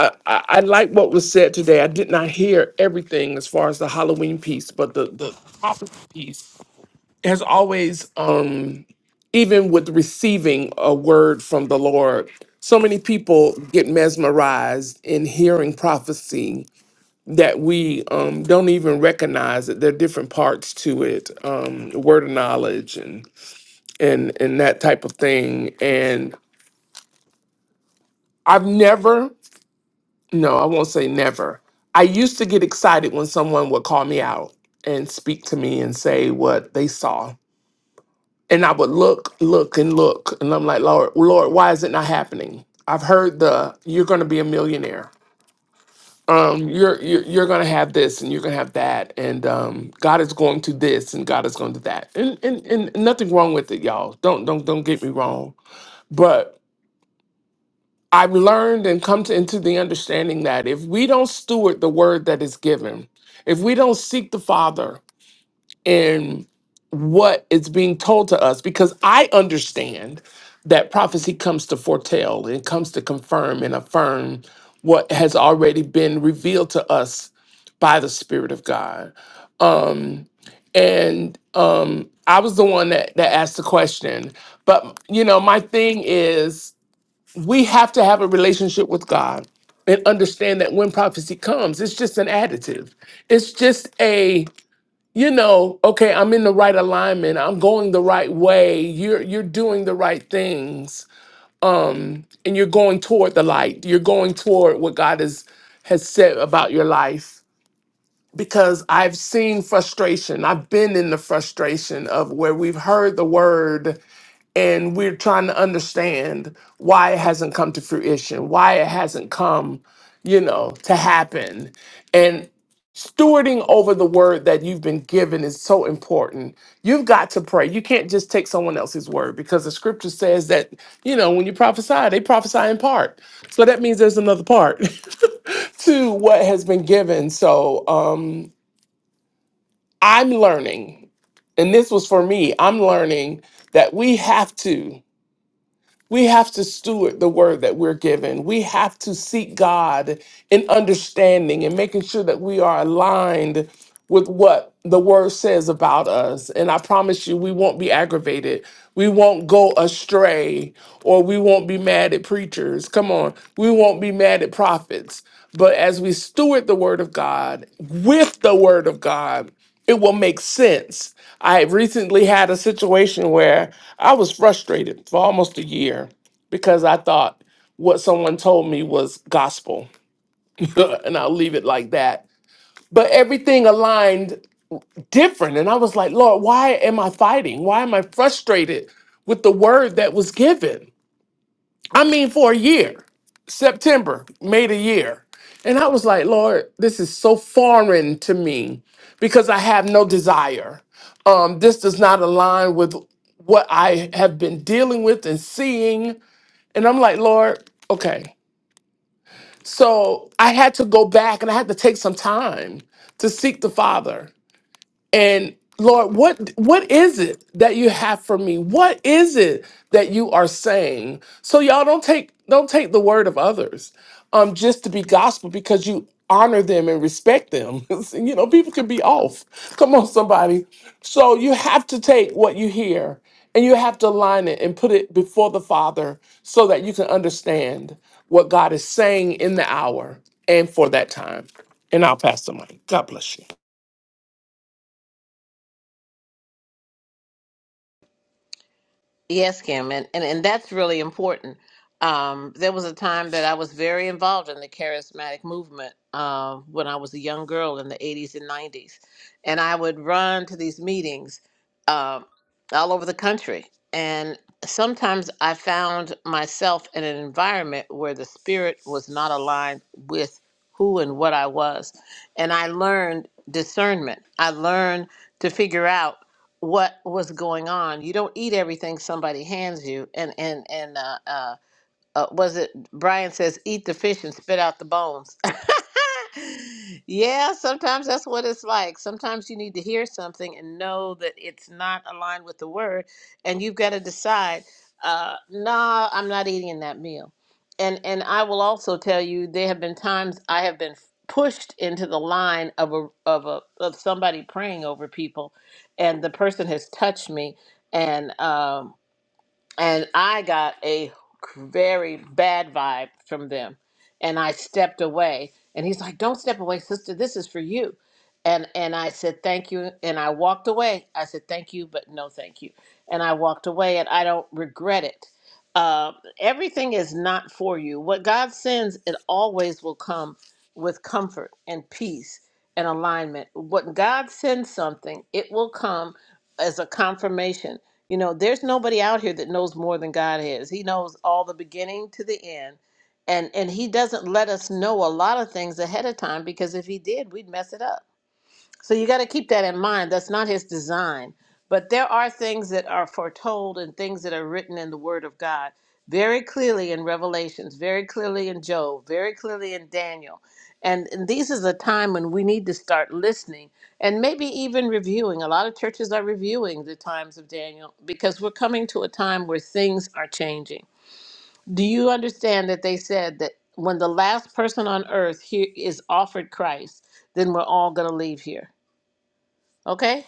Speaker 6: I, I I like what was said today. I did not hear everything as far as the Halloween piece, but the the topic piece has always, um, even with receiving a word from the Lord, so many people get mesmerized in hearing prophecy that we um, don't even recognize that there are different parts to it, um, word of knowledge and and and that type of thing. And I've never, no, I won't say never. I used to get excited when someone would call me out and speak to me and say what they saw, and I would look, look, and look, and I'm like, Lord, Lord, why is it not happening? I've heard the you're going to be a millionaire. um, you're you're, you're going to have this and you're going to have that, and um, God is going to this and God is going to that, and, and and nothing wrong with it, y'all. Don't don't don't get me wrong, but I've learned and come to into the understanding that if we don't steward the word that is given, if we don't seek the Father in what is being told to us because I understand that prophecy comes to foretell, it comes to confirm and affirm what has already been revealed to us by the Spirit of God. Um, and um, I was the one that, that asked the question. But, you know, my thing is we have to have a relationship with God and understand that when prophecy comes, it's just an additive. It's just a you know, okay, I'm in the right alignment. I'm going the right way. You're you're doing the right things. Um and you're going toward the light. You're going toward what God has has said about your life because I've seen frustration. I've been in the frustration of where we've heard the word and we're trying to understand why it hasn't come to fruition, why it hasn't come, you know, to happen. And stewarding over the word that you've been given is so important. You've got to pray. You can't just take someone else's word because the scripture says that, you know, when you prophesy, they prophesy in part. So that means there's another part to what has been given. So um I'm learning, and this was for me, I'm learning that we have to we have to steward the word that we're given. We have to seek God in understanding and making sure that we are aligned with what the word says about us. And I promise you, we won't be aggravated. We won't go astray or we won't be mad at preachers. Come on. We won't be mad at prophets. But as we steward the word of God with the word of God, it will make sense. I recently had a situation where I was frustrated for almost a year because I thought what someone told me was gospel. and I'll leave it like that. But everything aligned different. And I was like, Lord, why am I fighting? Why am I frustrated with the word that was given? I mean, for a year. September made a year. And I was like, Lord, this is so foreign to me because I have no desire. Um, this does not align with what I have been dealing with and seeing. And I'm like, Lord, okay. So I had to go back and I had to take some time to seek the Father and lord what what is it that you have for me what is it that you are saying so y'all don't take don't take the word of others um just to be gospel because you honor them and respect them you know people can be off come on somebody so you have to take what you hear and you have to align it and put it before the father so that you can understand what god is saying in the hour and for that time and i'll pass the mic god bless you
Speaker 1: Yes, Kim, and, and, and that's really important. Um, there was a time that I was very involved in the charismatic movement uh, when I was a young girl in the 80s and 90s. And I would run to these meetings um, all over the country. And sometimes I found myself in an environment where the spirit was not aligned with who and what I was. And I learned discernment. I learned to figure out what was going on. You don't eat everything somebody hands you, and and and uh, uh, uh, was it Brian says, eat the fish and spit out the bones. yeah, sometimes that's what it's like. Sometimes you need to hear something and know that it's not aligned with the word, and you've got to decide, uh, nah, I'm not eating that meal. And and I will also tell you, there have been times I have been pushed into the line of a of a of somebody praying over people, and the person has touched me, and. um and I got a very bad vibe from them, and I stepped away. And he's like, "Don't step away, sister. This is for you." And and I said, "Thank you," and I walked away. I said, "Thank you, but no, thank you." And I walked away, and I don't regret it. Um, everything is not for you. What God sends, it always will come with comfort and peace and alignment. What God sends something, it will come as a confirmation you know, there's nobody out here that knows more than God is. He knows all the beginning to the end. And and he doesn't let us know a lot of things ahead of time because if he did, we'd mess it up so you got to keep that in mind. That's not his design. But there are things that are foretold and things that are written in the Word of God very clearly in Revelations, very clearly in Job, very clearly in Daniel. And, and this is a time when we need to start listening and maybe even reviewing. A lot of churches are reviewing the times of Daniel because we're coming to a time where things are changing. Do you understand that they said that when the last person on earth here is offered Christ, then we're all going to leave here? Okay?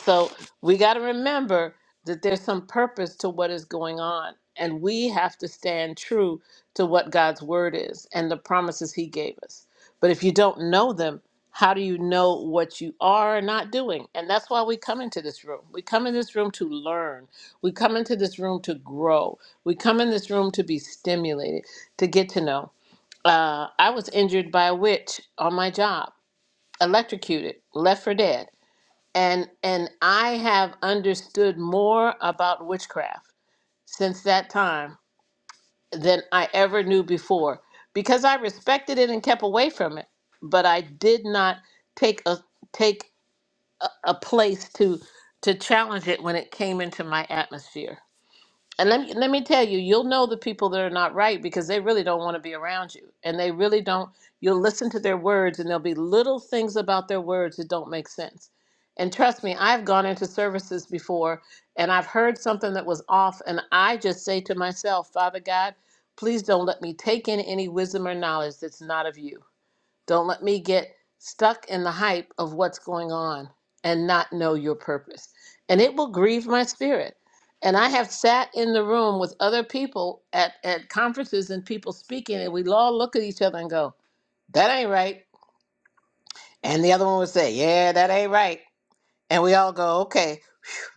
Speaker 1: So we got to remember that there's some purpose to what is going on, and we have to stand true to what God's word is and the promises He gave us. But if you don't know them, how do you know what you are not doing? And that's why we come into this room. We come in this room to learn. We come into this room to grow. We come in this room to be stimulated, to get to know. Uh, I was injured by a witch on my job, electrocuted, left for dead and and I have understood more about witchcraft since that time than I ever knew before because I respected it and kept away from it, but I did not take a take a place to to challenge it when it came into my atmosphere and let me, let me tell you, you'll know the people that are not right because they really don't want to be around you. And they really don't, you'll listen to their words and there'll be little things about their words that don't make sense. And trust me, I've gone into services before and I've heard something that was off. And I just say to myself, Father God, please don't let me take in any wisdom or knowledge that's not of you don't let me get stuck in the hype of what's going on and not know your purpose. And it will grieve my spirit. And I have sat in the room with other people at, at conferences and people speaking, and we all look at each other and go, That ain't right. And the other one would say, Yeah, that ain't right. And we all go, Okay.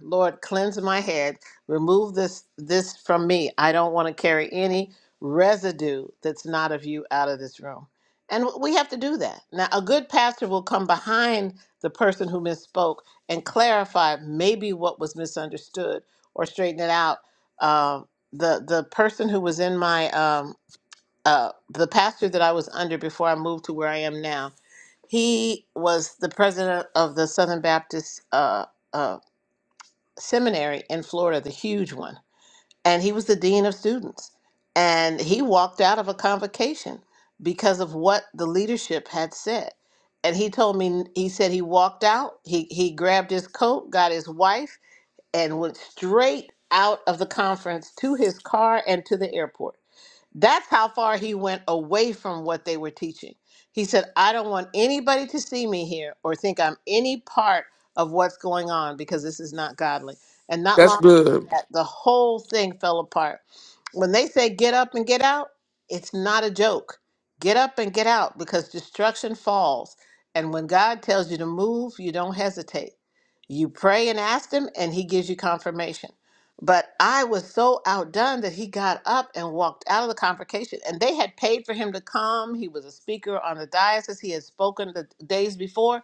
Speaker 1: Lord, cleanse my head. Remove this this from me. I don't want to carry any residue that's not of you out of this room. And we have to do that. Now, a good pastor will come behind the person who misspoke and clarify maybe what was misunderstood or straighten it out. Um, the the person who was in my um, uh, the pastor that I was under before I moved to where I am now, he was the president of the Southern Baptist. Uh, uh, seminary in Florida, the huge one, and he was the dean of students. And he walked out of a convocation because of what the leadership had said. And he told me, he said he walked out, he, he grabbed his coat, got his wife, and went straight out of the conference to his car and to the airport that's how far he went away from what they were teaching. He said, I don't want anybody to see me here or think I'm any part of what's going on because this is not godly. And not
Speaker 6: that's
Speaker 1: long after
Speaker 6: good
Speaker 1: that, the whole thing fell apart when they say get up and get out, it's not a joke. Get up and get out because destruction falls. And when God tells you to move, you don't hesitate. You pray and ask Him, and He gives you confirmation. But I was so outdone that he got up and walked out of the convocation. And they had paid for him to come. He was a speaker on the diocese. He had spoken the days before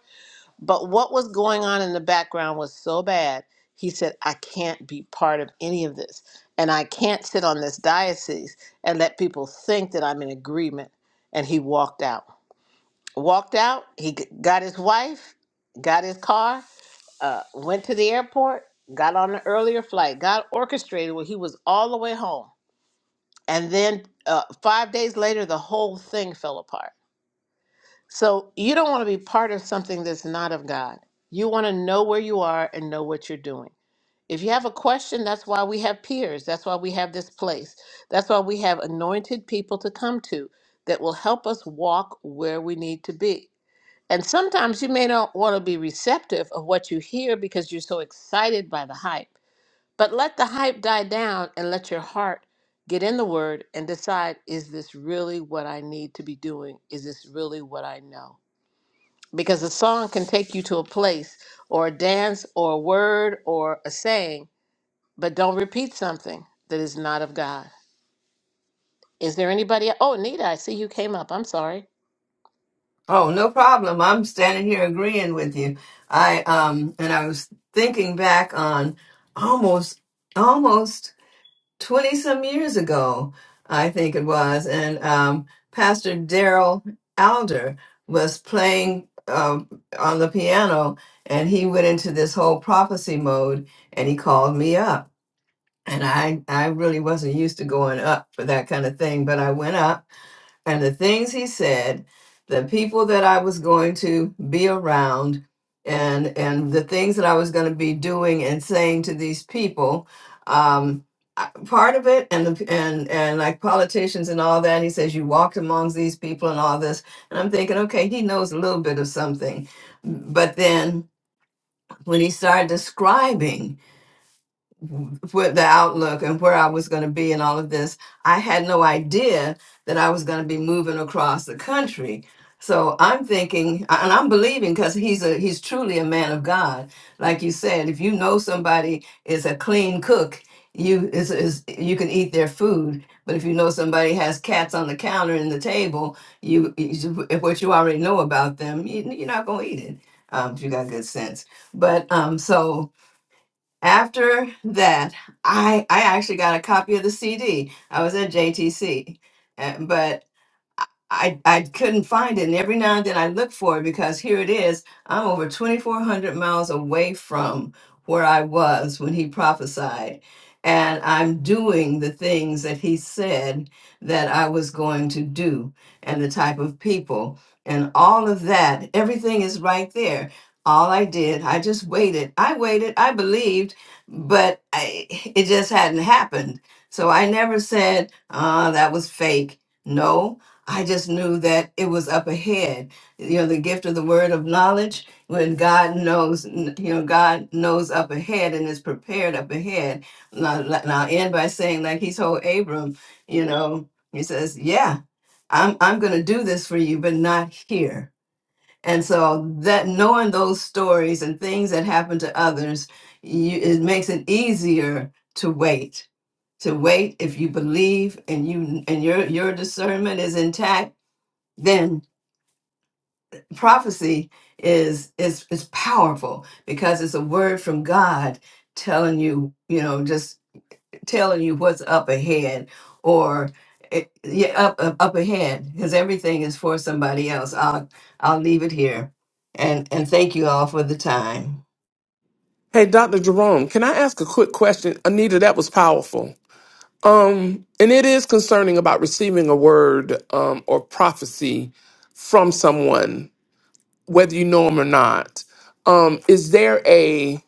Speaker 1: but what was going on in the background was so bad, he said, I can't be part of any of this. And I can't sit on this diocese and let people think that I'm in agreement. And he walked out. Walked out, he g- got his wife, got his car, uh, went to the airport, got on an earlier flight, got orchestrated where he was all the way home. And then uh, five days later, the whole thing fell apart so you don't want to be part of something that's not of God. You want to know where you are and know what you're doing. If you have a question, that's why we have peers. That's why we have this place. That's why we have anointed people to come to that will help us walk where we need to be. And sometimes you may not want to be receptive of what you hear because you're so excited by the hype. But let the hype die down and let your heart get in the word and decide is this really what I need to be doing? Is this really what I know? because a song can take you to a place or a dance or a word or a saying, but don't repeat something that is not of God. Is there anybody? Oh, Nita, I see you came up. I'm sorry.
Speaker 7: Oh, no problem. I'm standing here agreeing with you. I um and I was thinking back on almost almost 20 some years ago, I think it was, and um Pastor Daryl Alder was playing um, on the piano and he went into this whole prophecy mode and he called me up. And I I really wasn't used to going up for that kind of thing, but I went up and the things he said, the people that I was going to be around, and and the things that I was going to be doing and saying to these people. Um, I- part of it and the, and and like politicians and all that he says you walked amongst these people and all this and i'm thinking okay he knows a little bit of something but then when he started describing with the outlook and where I was going to be and all of this, I had no idea that I was going to be moving across the country. So I'm thinking and I'm believing because he's a he's truly a man of God. Like you said, if you know somebody is a clean cook, you is, is you can eat their food. But if you know somebody has cats on the counter and the table, you, you if what you already know about them, you, you're not gonna eat it um, if you got good sense. But um, so after that, I I actually got a copy of the CD. I was at JTC, uh, but I, I couldn't find it, and every now and then I look for it because here it is. I'm over 2,400 miles away from where I was when he prophesied, and I'm doing the things that he said that I was going to do, and the type of people, and all of that. Everything is right there. All I did, I just waited. I waited. I believed, but I, it just hadn't happened. So I never said, "Ah, that was fake." No, I just knew that it was up ahead. You know, the gift of the word of knowledge, when God knows, you know, God knows up ahead and is prepared up ahead. And i and I'll end by saying, like he told Abram, you know, he says, Yeah, I'm, I'm going to do this for you, but not here. And so that knowing those stories and things that happen to others, you, it makes it easier to wait to wait if you believe and you and your your discernment is intact then prophecy is is is powerful because it's a word from God telling you, you know, just telling you what's up ahead or it, yeah, up, up up ahead because everything is for somebody else. I'll I'll leave it here, and and thank you all for the time.
Speaker 6: Hey, Dr. Jerome, can I ask a quick question? Anita, that was powerful. Um, and it is concerning about receiving a word um, or prophecy from someone, whether you know them or not. Um, is there a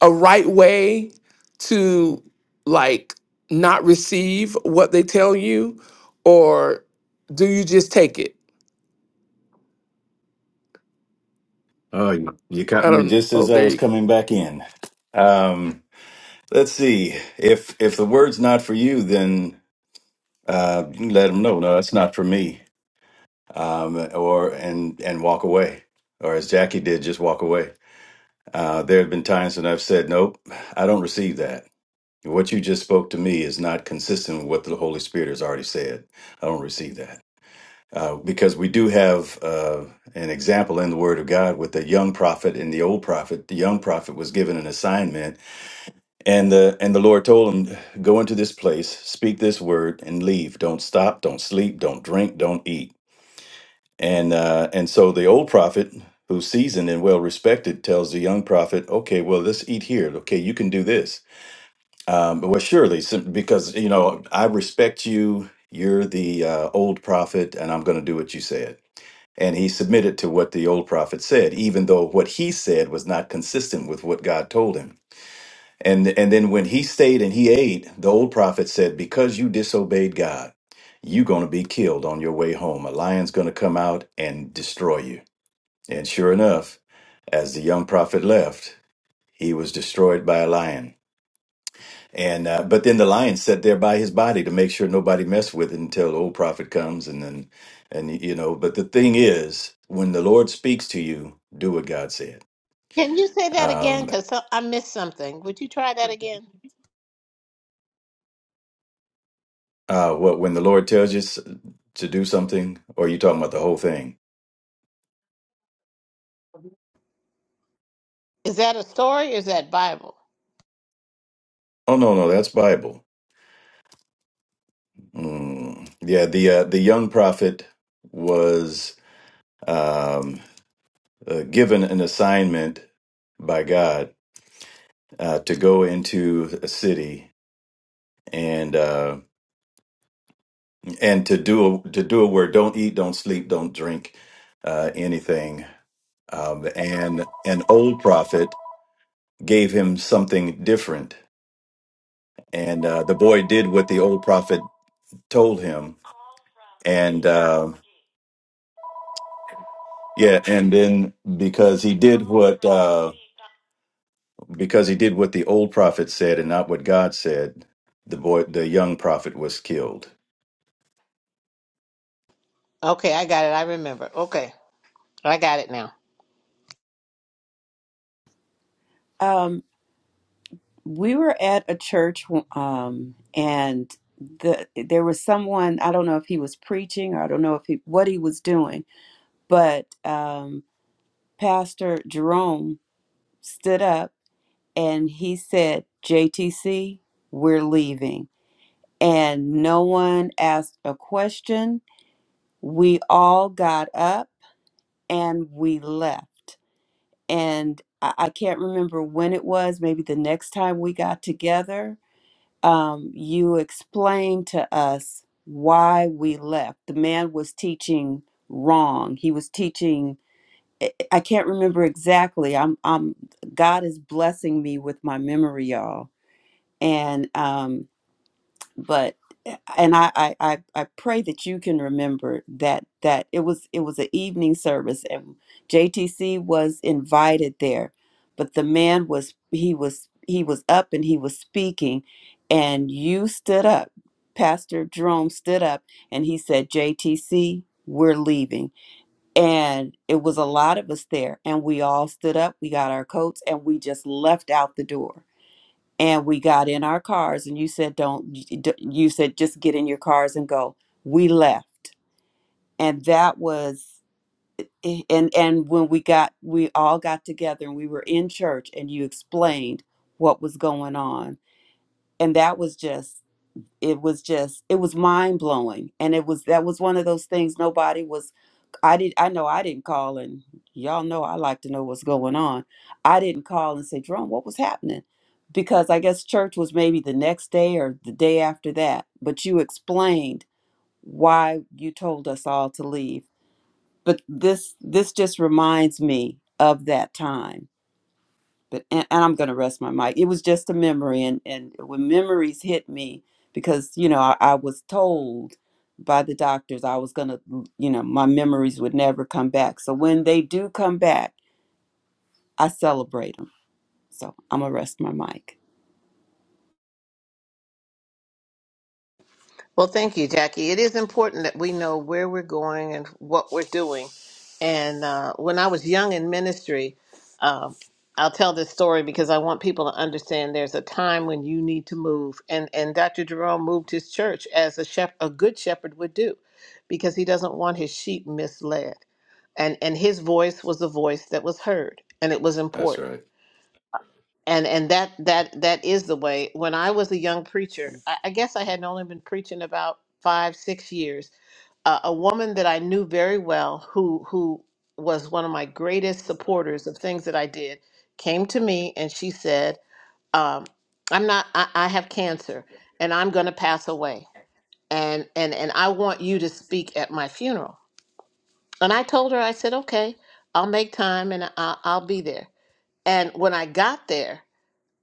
Speaker 6: a right way to like not receive what they tell you, or do you just take it?
Speaker 3: Oh, you you
Speaker 6: I
Speaker 3: caught me
Speaker 6: don't.
Speaker 3: just
Speaker 6: Oh,
Speaker 3: as I
Speaker 6: there
Speaker 3: was
Speaker 6: you go.
Speaker 3: coming back in. Um, let's see. If if the word's not for you, then uh, let them know. No, that's not for me. Um, or and and walk away. Or as Jackie did, just walk away. Uh, there have been times when I've said, "Nope, I don't receive that." What you just spoke to me is not consistent with what the Holy Spirit has already said. I don't receive that. uh, because we do have uh, an example in the Word of God with the young prophet and the old prophet. The young prophet was given an assignment, and the and the Lord told him, "Go into this place, speak this word, and leave. Don't stop, don't sleep, don't drink, don't eat." And uh, and so the old prophet, who's seasoned and well respected, tells the young prophet, "Okay, well, let's eat here. Okay, you can do this." Um, but well, surely, sim- because you know I respect you. You're the uh, old prophet, and I'm going to do what you said and he submitted to what the old prophet said, even though what he said was not consistent with what God told him. And, and then when he stayed and he ate, the old prophet said, Because you disobeyed God, you're going to be killed on your way home. A lion's going to come out and destroy you. And sure enough, as the young prophet left, he was destroyed by a lion. And uh, but then the lion sat there by his body to make sure nobody messed with it until the old prophet comes, and then and you know. But the thing is, when the Lord speaks to you, do what God said.
Speaker 1: Can you say that again?
Speaker 3: Um,
Speaker 1: Because I missed something. Would you try that again?
Speaker 3: uh, what when the Lord tells you s- to do something, or are you talking about the whole thing?
Speaker 1: Is that a story or is that Bible?
Speaker 3: Oh no, no, that's Bible. Mm. Yeah, the uh, the young prophet was um, uh, given an assignment by God uh, to go into a city and uh, and to do a, to do a word don't eat don't sleep don't drink uh, anything um, and an old prophet gave him something different and uh, the boy did what the old prophet told him and uh, yeah and then because he did what uh, because he did what the old prophet said and not what God said the boy the young prophet was killed
Speaker 1: Okay, I got it. I remember. Okay, I got it now.
Speaker 4: Um. we were at a church um and the there was someone i don't know if he was preaching or i don't know if he what he was doing but um pastor jerome stood up and he said jtc we're leaving and no one asked a question we all got up and we left and i, I can't remember when it was maybe the next time we got together um, you explained to us why we left. The man was teaching wrong. He was teaching. I I can't remember exactly. I'm. I'm. God is blessing me with my memory, y'all. And um, but eh, and I, I i I pray that you can remember that that it was it was an evening service and jtc was invited there but the man was he was he was up and he was speaking and you stood up pastor jerome stood up and he said jtc we're leaving and it was a lot of us there and we all stood up we got our coats and we just left out the door and we got in our cars and you said don't you said just get in your cars and go we left and that was eh, and and when we got we all got together and we were in church and you explained what was going on and that was just it was just it was mind blowing and it was that was one of those things nobody was i did i know i didn't call and y'all know i like to know what's going on i didn't call and say jerome what was happening because i guess church was maybe the next day or the day after that but you explained why you told us all to leave but this this just reminds me of that time but and, and I'm gonna rest my mic. It was just a memory, and and when memories hit me, because you know I, I was told by the doctors I was gonna, you know, my memories would never come back. So when they do come back, I celebrate them. So I'm gonna rest my mic.
Speaker 1: Well, thank you, Jackie. It is important that we know where we're going and what we're doing. And uh, when I was young in ministry, um, I'll tell this story because I want people to understand there's a time when you need to move. And, and Dr. Jerome moved his church as a, shep- a good shepherd would do because he doesn't want his sheep misled. And, and his voice was the voice that was heard, and it was important
Speaker 3: that's right
Speaker 1: and and that that that is the way when i was a young preacher i, I guess i had only been preaching about five six years uh, a woman that i knew very well who who was one of my greatest supporters of things that i did came to me and she said um, i'm not I, I have cancer and i'm going to pass away and and and i want you to speak at my funeral and i told her i said okay i'll make time and I, i'll be there and when i got there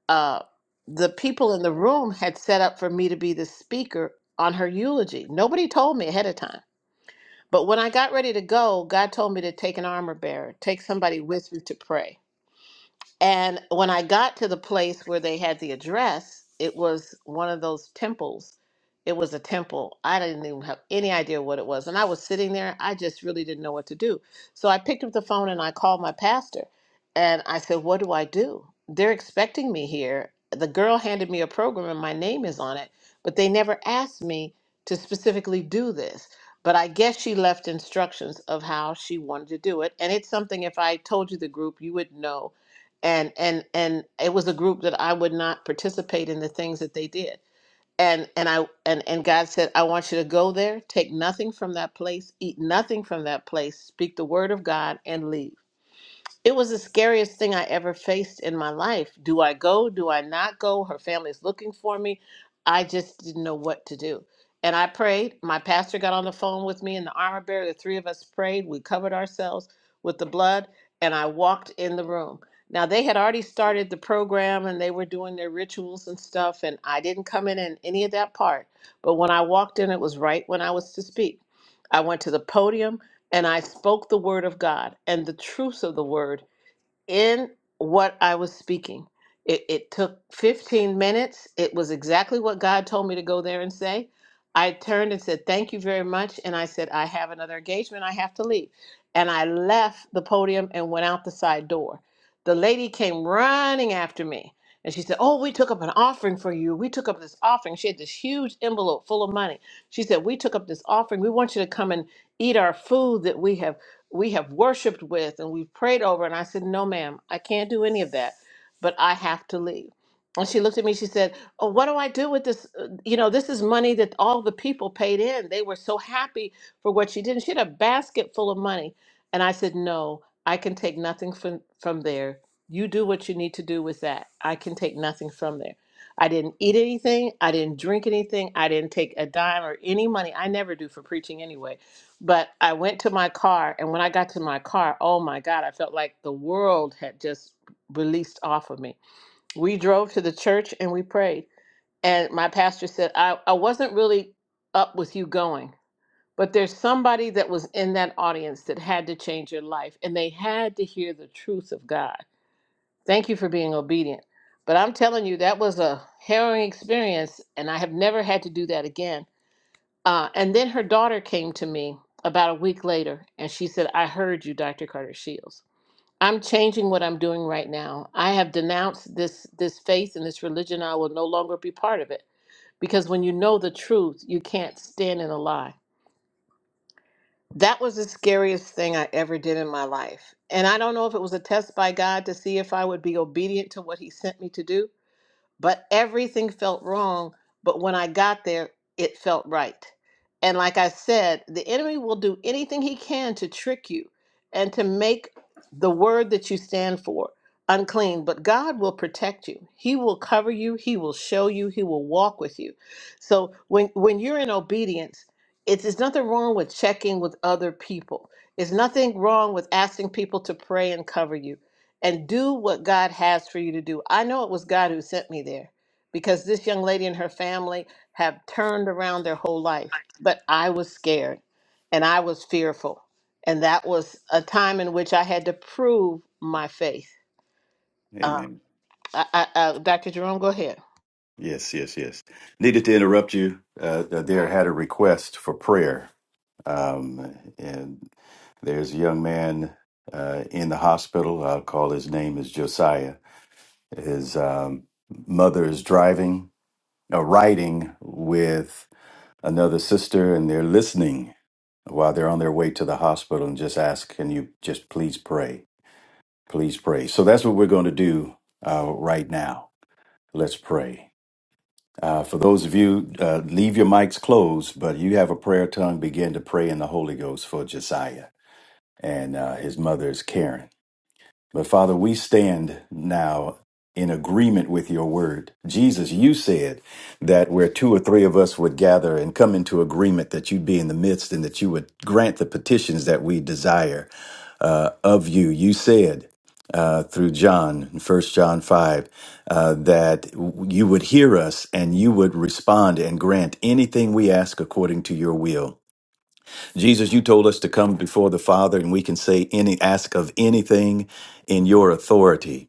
Speaker 1: uh, the people in the room had set up for me to be the speaker on her eulogy. Nobody told me ahead of time. But when I got ready to go, God told me to take an armor bearer, take somebody with you to pray. And when I got to the place where they had the address, it was one of those temples. It was a temple. I didn't even have any idea what it was. And I was sitting there, I just really didn't know what to do. So I picked up the phone and I called my pastor and I said, What do I do? They're expecting me here. The girl handed me a program and my name is on it, but they never asked me to specifically do this. But I guess she left instructions of how she wanted to do it. And it's something, if I told you the group, you would know and and and it was a group that I would not participate in the things that they did. And and I and and God said, I want you to go there, take nothing from that place, eat nothing from that place, speak the word of God, and leave. It was the scariest thing I ever faced in my life. Do I go? Do I not go? Her family's looking for me. I just didn't know what to do. And I prayed. My pastor got on the phone with me and the armor bearer. The three of us prayed. We covered ourselves with the blood, and I walked in the room. Now, they had already started the program and they were doing their rituals and stuff, and I didn't come in in any of that part. But when I walked in, it was right when I was to speak. I went to the podium. And I spoke the word of God and the truths of the word, in what I was speaking. It, it took 15 minutes. It was exactly what God told me to go there and say. I turned and said, Thank you very much. And I said, I have another engagement. I have to leave. And I left the podium and went out the side door. The lady came running after me. And she said, Oh, we took up an offering for you. We took up this offering. She had this huge envelope full of money. She said, We took up this offering. We want you to come and eat our food that we have we have worshiped with and we've prayed over. And I said, No, ma'am, I can't do any of that, but I have to leave. And she looked at me, she said, Oh, what do I do with this? Uh, You know, this is money that all the people paid in. They were so happy for what she did. And she had a basket full of money. And I said, No, I can take nothing from, from there. You do what you need to do with that. I can take nothing from there. I didn't eat anything. I didn't drink anything. I didn't take a dime or any money. I never do for preaching anyway but I went to my car, and when I got to my car, oh my God, I felt like the world had just released off of me. We drove to the church and we prayed. And my pastor said, I, I wasn't really up with you going, but there's somebody that was in that audience that had to change your life, and they had to hear the truth of God. Thank you for being obedient. But I'm telling you, that was a harrowing experience, and I have never had to do that again uh, and then her daughter came to me about a week later and she said, I heard you, Dr. Carter Shields. I'm changing what I'm doing right now. I have denounced this this faith and this religion. I will no longer be part of it. Because when you know the truth, you can't stand in a lie. That was the scariest thing I ever did in my life. And I don't know if it was a test by God to see if I would be obedient to what he sent me to do but everything felt wrong. But when I got there, it felt right. And like I said, the enemy will do anything he can to trick you and to make the word that you stand for unclean. But God will protect you. He will cover you. He will show you. He will walk with you. So when when you're in obedience, it's, it's nothing wrong with checking with other people. It's nothing wrong with asking people to pray and cover you and do what God has for you to do. I know it was God who sent me there because this young lady and her family have turned around their whole life. But I was scared and I was fearful. And that was a time in which I had to prove my faith. Uh,
Speaker 3: amen
Speaker 1: I, I, uh, Dr. Jerome, go ahead.
Speaker 3: Yes, yes, yes. Needed to interrupt you. Uh, there had a request for prayer. Um, and there's a young man uh, in the hospital. I'll call his name is Josiah. His um, mother is driving, uh, riding with another sister, and they're listening while they're on their way to the hospital and just ask, Can you just please pray? Please pray. So that's what we're going to do uh, right now. Let's pray. Uh, for those of you, uh, leave your mics closed, but you have a prayer tongue, begin to pray in the Holy Ghost for Josiah. And uh, his mother is Karen. But Father, we stand now in agreement with your word. Jesus, you said that where two or three of us would gather and come into agreement, that you'd be in the midst and that you would grant the petitions that we desire uh, of you. You said uh, through John, First John 5, uh, that you would hear us and you would respond and grant anything we ask according to your will. Jesus, you told us to come before the Father and we can say any ask of anything in your authority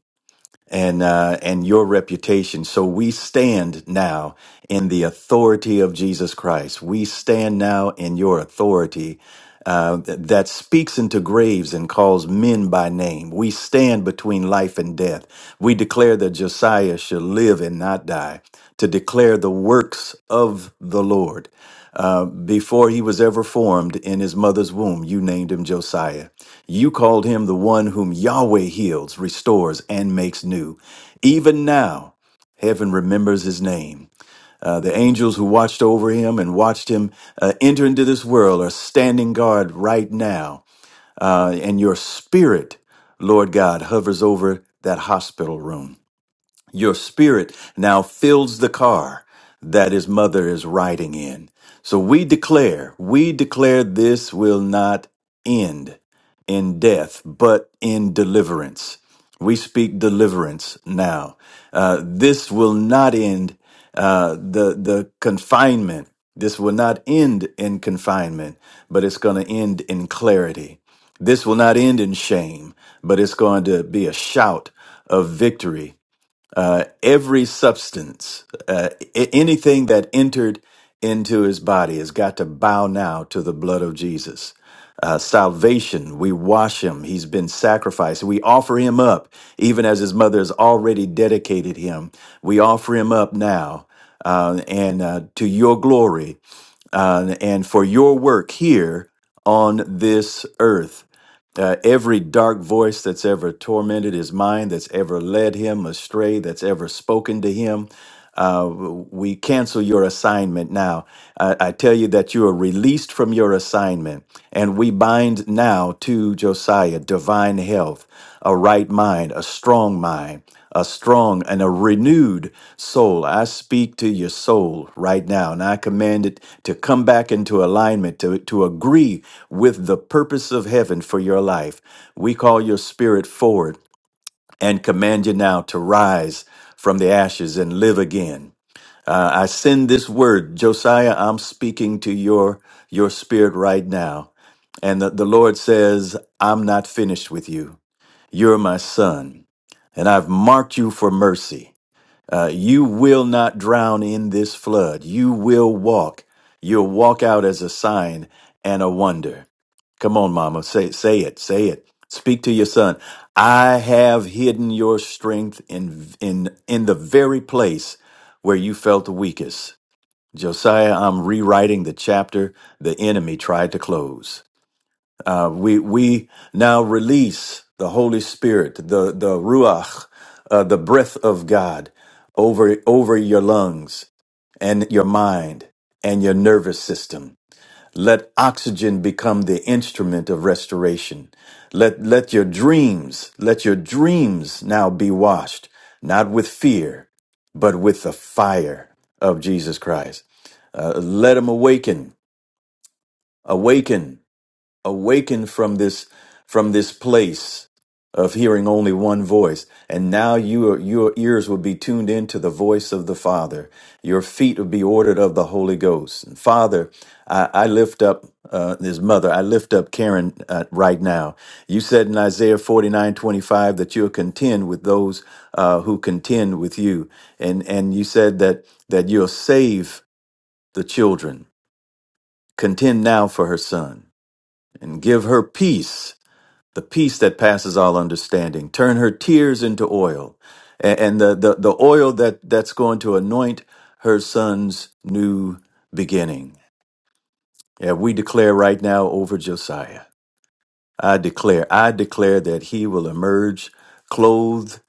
Speaker 3: and uh, and your reputation. So we stand now in the authority of Jesus Christ. We stand now in your authority uh, th- that speaks into graves and calls men by name. We stand between life and death. We declare that Josiah shall live and not die. To declare the works of the Lord. Uh, before he was ever formed in his mother's womb, you named him Josiah. You called him the one whom Yahweh heals, restores, and makes new. Even now, heaven remembers his name. Uh, the angels who watched over him and watched him uh, enter into this world are standing guard right now. Uh, and your spirit, Lord God, hovers over that hospital room. Your spirit now fills the car that his mother is riding in. So we declare, we declare this will not end in death, but in deliverance. We speak deliverance now. Uh, this will not end uh, the the confinement. This will not end in confinement, but it's going to end in clarity. This will not end in shame, but it's going to be a shout of victory uh, every substance, uh, a- anything that entered into his body has got to bow now to the blood of Jesus. Uh, salvation, we wash him. He's been sacrificed. We offer him up, even as his mother has already dedicated him. We offer him up now uh, and uh, to your glory uh, and for your work here on this earth. Uh, every dark voice that's ever tormented his mind, that's ever led him astray, that's ever spoken to him, uh, w- we cancel your assignment now. I, I tell you that you are released from your assignment, and we bind now to Josiah divine health a right mind, a strong mind, a strong and a renewed soul. I speak to your soul right now, and I command it to come back into alignment, to, to agree with the purpose of heaven for your life. We call your spirit forward and command you now to rise from the ashes and live again. Uh, I send this word, Josiah. I'm speaking to your your spirit right now, and the, the Lord says, "I'm not finished with you." You're my son, and I've marked you for mercy. Uh, you will not drown in this flood. You will walk. You'll walk out as a sign and a wonder. Come on, mama. Say, say it. Say it. Speak to your son. I have hidden your strength in, in, in the very place where you felt the weakest. Josiah, I'm rewriting the chapter the enemy tried to close. Uh, we we now release the Holy Spirit, the the ruach, uh, the breath of God, over over your lungs and your mind and your nervous system. Let oxygen become the instrument of restoration. Let let your dreams, let your dreams now be washed, not with fear, but with the fire of Jesus Christ. Uh, let them awaken, awaken awakened from this from this place of hearing only one voice and now your your ears will be tuned into the voice of the father your feet will be ordered of the holy ghost and father i, I lift up uh, his mother i lift up karen uh, right now you said in isaiah forty nine twenty five that you'll contend with those uh, who contend with you and and you said that that you'll save the children contend now for her son and give her peace the peace that passes all understanding. Turn her tears into oil, and, and the, the the oil that that's going to anoint her son's new beginning. Yeah, we declare right now over Josiah. I declare, I declare that he will emerge clothed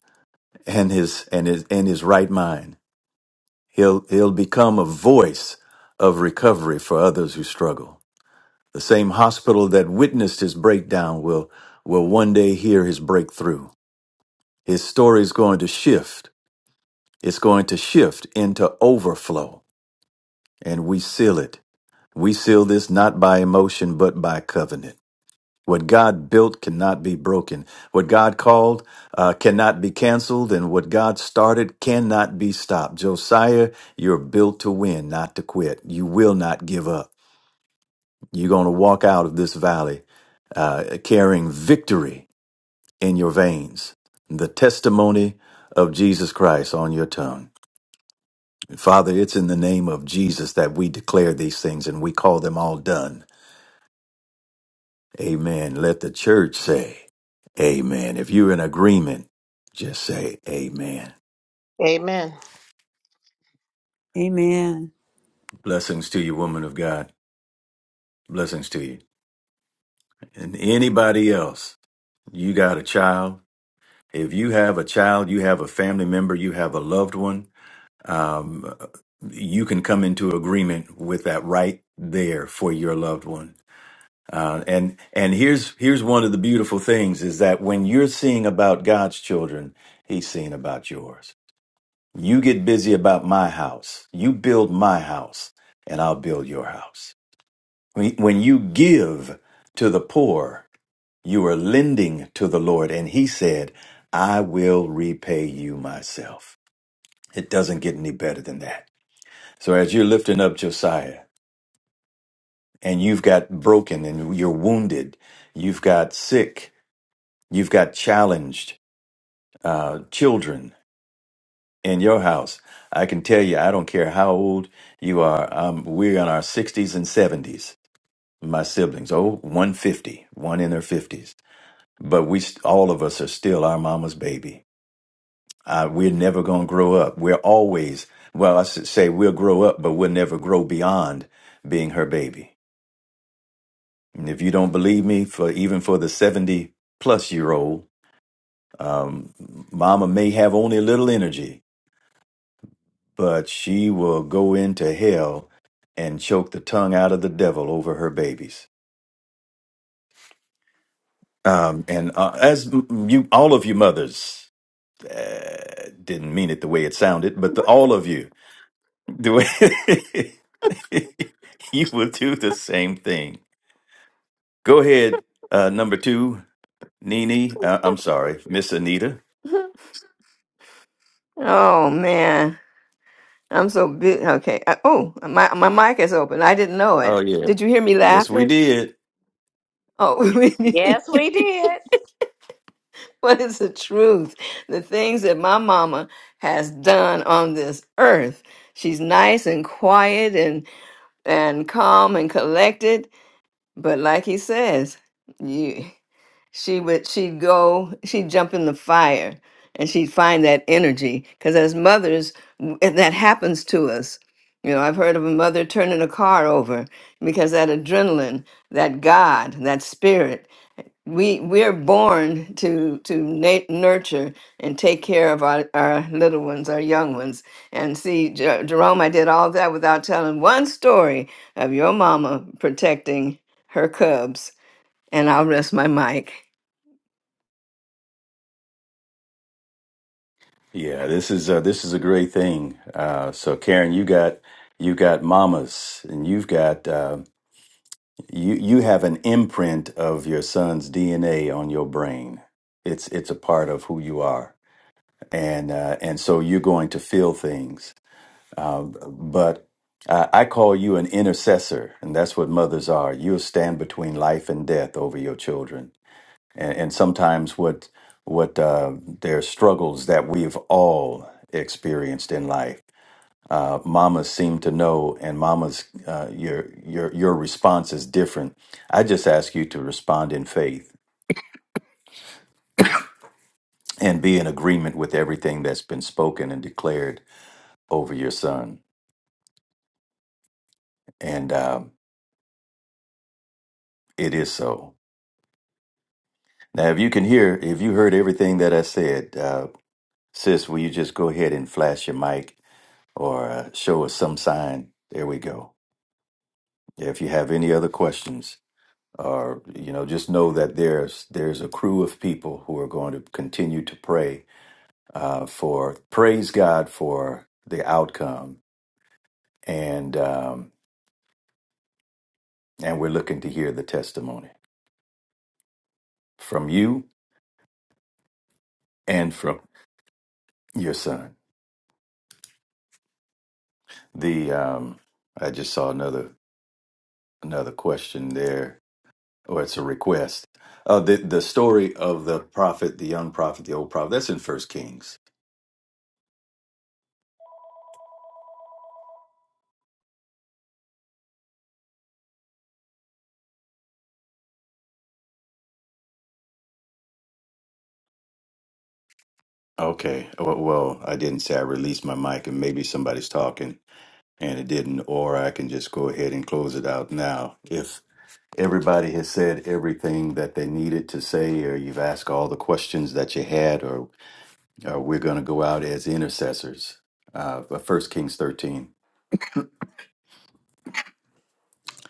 Speaker 3: and his and his in his right mind. He'll he'll become a voice of recovery for others who struggle. The same hospital that witnessed his breakdown will will one day hear his breakthrough His story is going to shift. It's going to shift into overflow. And we seal it. We seal this not by emotion, but by covenant. What God built cannot be broken. What God called uh, cannot be canceled. And what God started cannot be stopped. Josiah, you're built to win, not to quit. You will not give up. You're going to walk out of this valley uh, carrying victory in your veins, the testimony of Jesus Christ on your tongue. Father, it's in the name of Jesus that we declare these things and we call them all done. Amen. Let the church say, Amen. If you're in agreement, just say, Amen.
Speaker 1: Amen.
Speaker 4: Amen.
Speaker 3: Blessings to you, woman of God. Blessings to you. And anybody else, you got a child. If you have a child, you have a family member, you have a loved one, um, you can come into agreement with that right there for your loved one Uh, and and here's here's one of the beautiful things is that when you're seeing about God's children, He's seeing about yours. You get busy about my house. You build my house, and I'll build your house. When, when you give to the poor, you are lending to the Lord, and He said, "I will repay you myself." It doesn't get any better than that. So as you're lifting up Josiah, and you've got broken, and you're wounded, you've got sick You've got challenged uh, children in your house. I can tell you, I don't care how old you are. Um, we're in our 60s and 70s. My siblings, oh, one fifty, one in their 50s. But we, st- all of us are still our mama's baby. Uh, we're never going to grow up. We're always, well, I should say we'll grow up, but we'll never grow beyond being her baby. And if you don't believe me, for even for the 70 plus year old, um, mama may have only a little energy, but she will go into hell and choke the tongue out of the devil over her babies. Um, and uh, as m- you, all of you mothers, uh, didn't mean it the way it sounded, but the, all of you, the way you will do the same thing. Go ahead, uh, number two, Nini. Uh, I'm sorry, Miss Anita.
Speaker 7: oh man, I'm so big. Okay. Uh, oh, my my mic is open. I didn't know
Speaker 3: Oh
Speaker 7: it.
Speaker 3: yeah,
Speaker 7: Did you hear me
Speaker 3: yes we
Speaker 7: laughing?
Speaker 3: did.
Speaker 7: Oh,
Speaker 1: Yes, we did.
Speaker 7: What is the truth? The things that my mama has done on this earth. She's nice and quiet and and calm and collected, but like he says, you she would she'd go she'd jump in the fire and she'd find that energy because as mothers w- that happens to us. You know, I've heard of a mother turning a car over because that adrenaline, that God, that spirit we we're born to to na- nurture and take care of our, our little ones our young ones and see Jer- jerome i did all that without telling one story of your mama protecting her cubs and i'll rest my mic
Speaker 3: Yeah, this is uh, this is a great thing. Uh, so, Karen, you got you got mamas, and you've got uh, you you have an imprint of your son's DNA on your brain. It's it's a part of who you are, and uh, and so you're going to feel things. Uh, but I, I call you an intercessor, and that's what mothers are. You'll stand between life and death over your children and, and sometimes what what uh, their struggles that we've all experienced in life. Uh, mamas seem to know, and mamas, uh, your your your response is different. I just ask you to respond in faith and be in agreement with everything that's been spoken and declared over your son, and uh, it is so. Now, if you can hear, if you heard everything that I said, uh, sis, will you just go ahead and flash your mic or uh, show us some sign? There we go. Yeah, If you have any other questions, or you know, just know that there's there's a crew of people who are going to continue to pray uh, for praise God for the outcome, and um, and we're looking to hear the testimony from you and from your son. The um, I just saw another another question there, or it's a request. Uh, the the story of the prophet, the young prophet, the old prophet. That's in First Kings Okay. Well, well, I didn't say I released my mic, and maybe somebody's talking and it didn't, or I can just go ahead and close it out now. If everybody has said everything that they needed to say, or you've asked all the questions that you had, or, or we're going to go out as intercessors. Uh, but First Kings 13.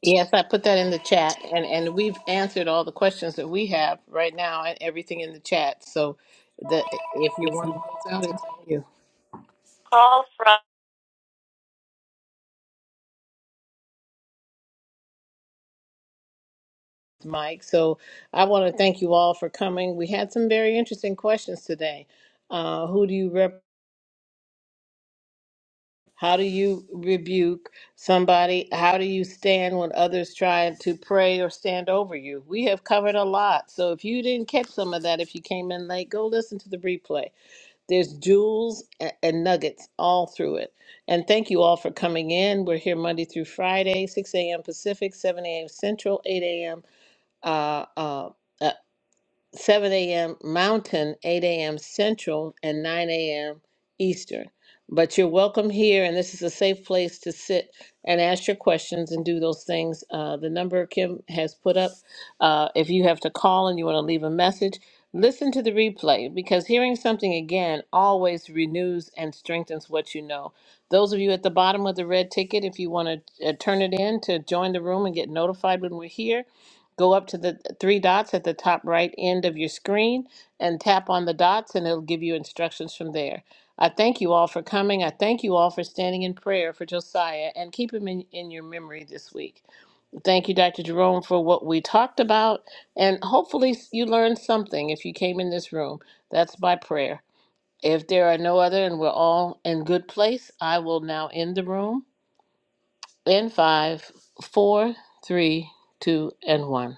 Speaker 1: Yes, I put that in the chat, and and we've answered all the questions that we have right now, and everything in the chat. So, the if you want to close out, it's on you. Mike. So I want to thank you all for coming. We had some very interesting questions today. Uh, who do you rep? How do you rebuke somebody? How do you stand when others try to pray or stand over you? We have covered a lot. So if you didn't catch some of that, if you came in late, go listen to the replay. There's jewels a- and nuggets all through it. And thank you all for coming in. We're here Monday through Friday, 6 a.m. Pacific, 7 a.m. Central, 8 a.m. Uh, uh, 7 a.m. Mountain, 8 a.m. Central, and 9 a.m. Eastern. But you're welcome here, and this is a safe place to sit and ask your questions and do those things. Uh, the number Kim has put up, uh, if you have to call and you want to leave a message, listen to the replay because hearing something again always renews and strengthens what you know. Those of you at the bottom of the red ticket, if you want to uh, turn it in to join the room and get notified when we're here, Go up to the three dots at the top right end of your screen and tap on the dots, and it'll give you instructions from there. I thank you all for coming. I thank you all for standing in prayer for Josiah and keep him in, in your memory this week. Thank you, Dr. Jerome, for what we talked about. And hopefully, you learned something if you came in this room. That's my prayer. If there are no other and we're all in good place, I will now end the room in five, four, three, two, and one.